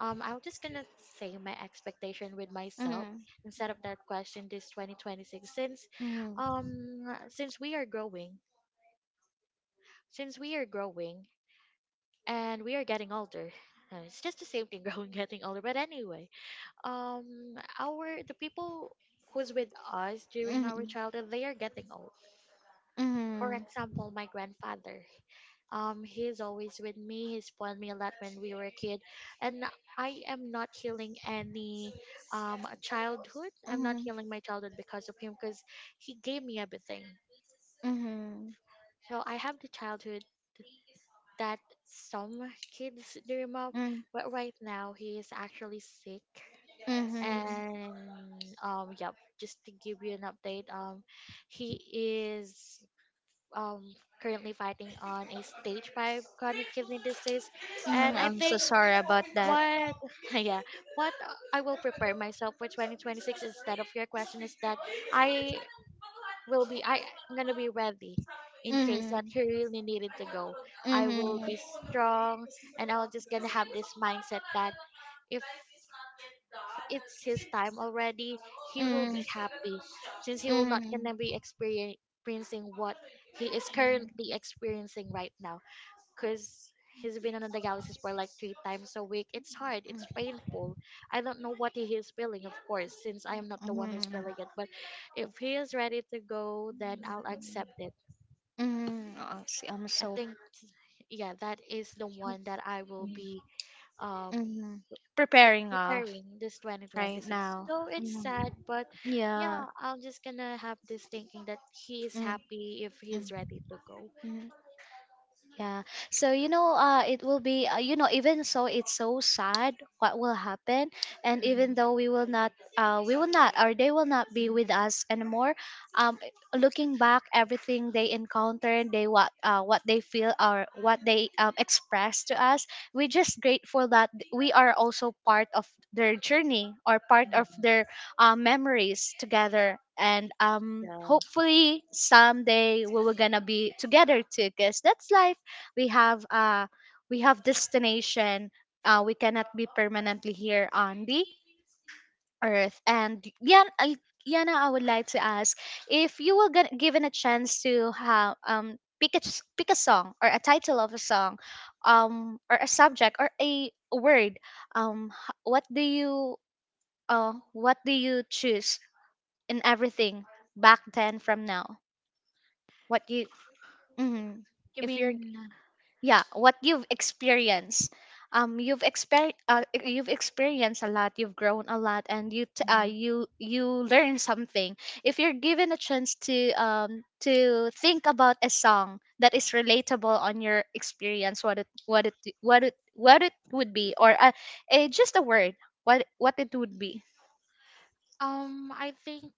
[SPEAKER 2] um, I'm just gonna say my expectation with myself instead of that question this 2026, since um since we are growing since we are growing and we are getting older. It's just the same thing growing getting older, but anyway, our the people who's with us during our
[SPEAKER 1] Mhm.
[SPEAKER 2] childhood, they are getting old. For
[SPEAKER 1] Mhm. Mhm.
[SPEAKER 2] example, my grandfather, um, he's always with me, he spoiled me a lot when we were a kid. And I am not healing any childhood I'm not healing my childhood because of him, because he gave
[SPEAKER 1] Mhm.
[SPEAKER 2] me everything.
[SPEAKER 1] Mhm.
[SPEAKER 2] So I have the childhood that some kids dream of.
[SPEAKER 1] Mm.
[SPEAKER 2] But right now he is actually sick.
[SPEAKER 1] Mm-hmm.
[SPEAKER 2] And um, yeah, just to give you an update, um, he is um, currently fighting on a stage 5 chronic kidney disease.
[SPEAKER 1] Mm,
[SPEAKER 2] And I
[SPEAKER 1] I'm so
[SPEAKER 2] think
[SPEAKER 1] sorry about that.
[SPEAKER 2] what yeah, what I will prepare myself for 2026 instead of your question is that i I am gonna be ready in case that
[SPEAKER 1] Mm-hmm.
[SPEAKER 2] he really needed to go. I will
[SPEAKER 1] Mm-hmm. Mm.
[SPEAKER 2] be strong, and I'll just gonna have this mindset that if it's his time already, he will
[SPEAKER 1] Mm-hmm.
[SPEAKER 2] be happy, since he will not gonna be experiencing what he is currently experiencing right now. Cause he's been on the dialysis for like 3 times a week. It's hard. It's painful. I don't know what he is feeling, of course, since I am not the one who's feeling it.
[SPEAKER 1] Mm-hmm.
[SPEAKER 2] But if he is ready to go, then I'll accept it.
[SPEAKER 1] Mm-hmm. Oh, see, I'm
[SPEAKER 2] I
[SPEAKER 1] so.
[SPEAKER 2] think, yeah, that is the one that I will be um,
[SPEAKER 1] Hmm.
[SPEAKER 2] yeah,
[SPEAKER 1] Preparing off
[SPEAKER 2] preparing this
[SPEAKER 1] right
[SPEAKER 2] 2026.
[SPEAKER 1] now.
[SPEAKER 2] So it's
[SPEAKER 1] Mhm.
[SPEAKER 2] sad, but yeah,
[SPEAKER 1] Yeah.
[SPEAKER 2] I'm just gonna have this thinking that he is happy if he's
[SPEAKER 1] Mm-hmm.
[SPEAKER 2] ready to go.
[SPEAKER 1] Mhm. Yeah. So you know, it will be, you know, even so it's so sad what will happen, and
[SPEAKER 2] Hmm, hmm.
[SPEAKER 1] even though we will not, or they will not be with us anymore. Um, Looking back, everything they encountered, they what they feel, or what they, express to us, we're just grateful that we are also part of their journey, or part of their, memories together. And, hopefully someday we were gonna be together too, because that's life. we have uh, we have destination, we cannot be permanently here on the earth. And yeah, I, Yana, I would like to ask, if you were gonna, given a chance to have, pick a pick a song, or a title of a song, or a subject or a word, what do you, what do you choose in everything back then from now, what you... Mhm.
[SPEAKER 2] You
[SPEAKER 1] if you're
[SPEAKER 2] mean,
[SPEAKER 1] Yeah, what you've experienced, you've you've experienced a lot, you've grown a lot, and
[SPEAKER 2] mhm.
[SPEAKER 1] you learn something. If you're given a chance, to think about a song that is relatable on your experience, what it would be? Or a, just a word, what it would be?
[SPEAKER 2] Um,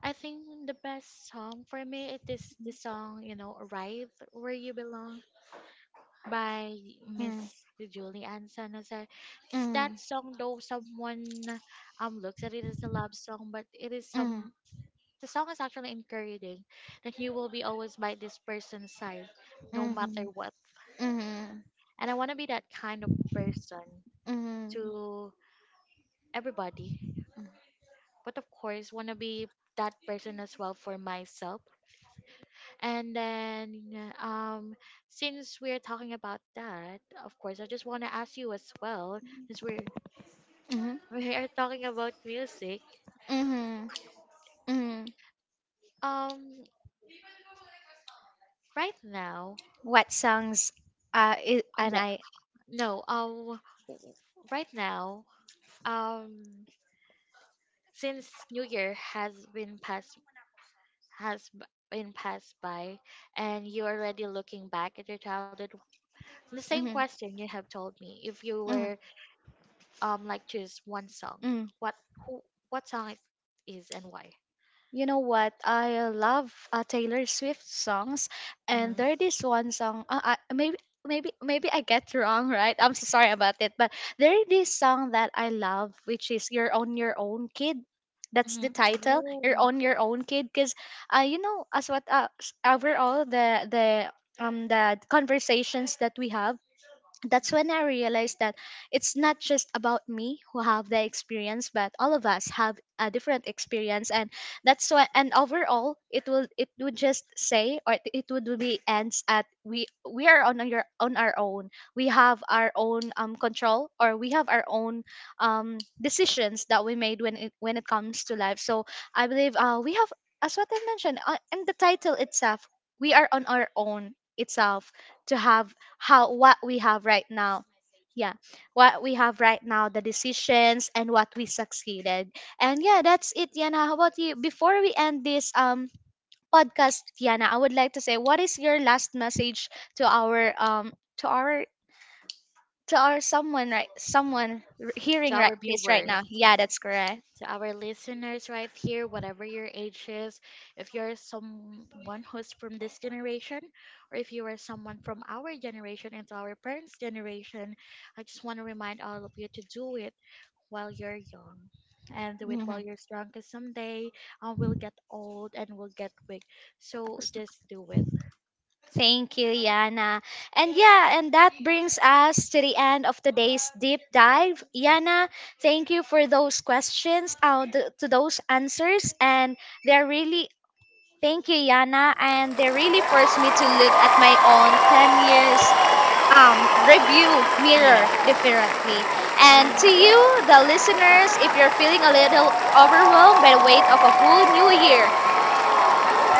[SPEAKER 2] I think the best song for me it is the song you know "Arrive Where You Belong." By Miss Julie Ann San Jose. 'Cause that song, though, someone um, looks at it as a love song, but it is some. The song is actually encouraging that you will be always by this person's side, no matter
[SPEAKER 1] Mhm.
[SPEAKER 2] what.
[SPEAKER 1] Person.
[SPEAKER 2] And I want to be that kind of person
[SPEAKER 1] Mhm.
[SPEAKER 2] to everybody, but of course, want to be that person as well for myself. And then, since we're talking about that, of course, I just want to ask you as well, since
[SPEAKER 1] Mhm.
[SPEAKER 2] we are talking about music.
[SPEAKER 1] Mhm. Mhm.
[SPEAKER 2] Um, right now,
[SPEAKER 1] What songs, is, and
[SPEAKER 2] no,
[SPEAKER 1] I...
[SPEAKER 2] no, w- right now, um, since New Year has been passed has b- been passed by, and you're already looking back at your childhood. The same question you have told me: if you were um, like choose one song,
[SPEAKER 1] Mhm.
[SPEAKER 2] what who what song it is and why?
[SPEAKER 1] You know what? I, love, Taylor Swift songs, and
[SPEAKER 2] Mm-hmm.
[SPEAKER 1] there this one song. Maybe I get wrong, right? I'm so sorry about it, but there is this song that I love, which is "You're on Your Own, Kid." That's the
[SPEAKER 2] Mm-hmm.
[SPEAKER 1] title, "You're
[SPEAKER 2] Oh,
[SPEAKER 1] on Your Own, Kid," because, you know, as what, overall, the conversations that we have, that's when I realized that it's not just about me who have the experience, but all of us have a different experience, and that's why. And overall, it would just say, or it would be ends at, we are on your on our own. We have our own, control, or we have our own, decisions that we made when, it comes to life. So I believe, we have, as what I mentioned, and the title itself, we are on our own itself, to have, how, what we have right now. Yeah, what we have right now, the decisions and what we succeeded. And yeah, that's it, Yana. How about you? Before we end this, podcast, Yana, I would like to say, what is your last message to our, to our someone right,
[SPEAKER 2] to
[SPEAKER 1] hearing right
[SPEAKER 2] our
[SPEAKER 1] this right
[SPEAKER 2] viewers,
[SPEAKER 1] now? Yeah, that's correct.
[SPEAKER 2] to our listeners right here, whatever your age is, if you're someone who's from this generation, or if you are someone from our generation and to our parents' generation, I just want to remind all of you to do it while you're young and do it
[SPEAKER 1] Hmm.
[SPEAKER 2] while you're strong because someday we'll get old and we'll get weak. So just do it.
[SPEAKER 1] Thank you, Yana. And that brings us to the end of today's deep dive. Yana, thank you for those questions, to those answers. And they're really, thank you, Yana. And they really forced me to look at my own 10 years, review mirror differently. And to
[SPEAKER 2] And
[SPEAKER 1] you,
[SPEAKER 2] yeah,
[SPEAKER 1] the listeners, if you're feeling a little overwhelmed by the weight of a whole new year...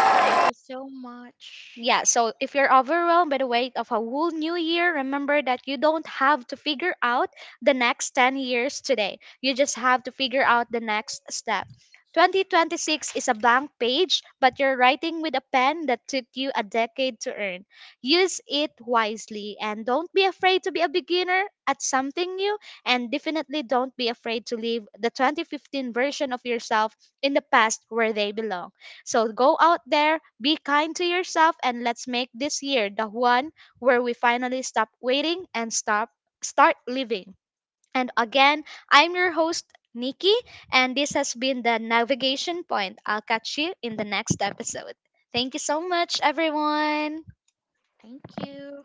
[SPEAKER 2] thank you so much.
[SPEAKER 1] Yeah, so if you're overwhelmed by the weight of a whole new year, remember that you don't have to figure out the next 10 years today. You just have to figure out the next step. 2026 is a blank page, but you're writing with a pen that took you a decade to earn. Use it wisely, and don't be afraid to be a beginner at something new, and definitely don't be afraid to leave the 2015 version of yourself in the past where they belong. So go out there, be kind to yourself, and let's make this year the one where we finally stop waiting and stop start living. And again, I'm your host, Nikki, and this has been the Navigation Point. I'll catch you in the next episode. Thank you so much, everyone.
[SPEAKER 2] Thank you.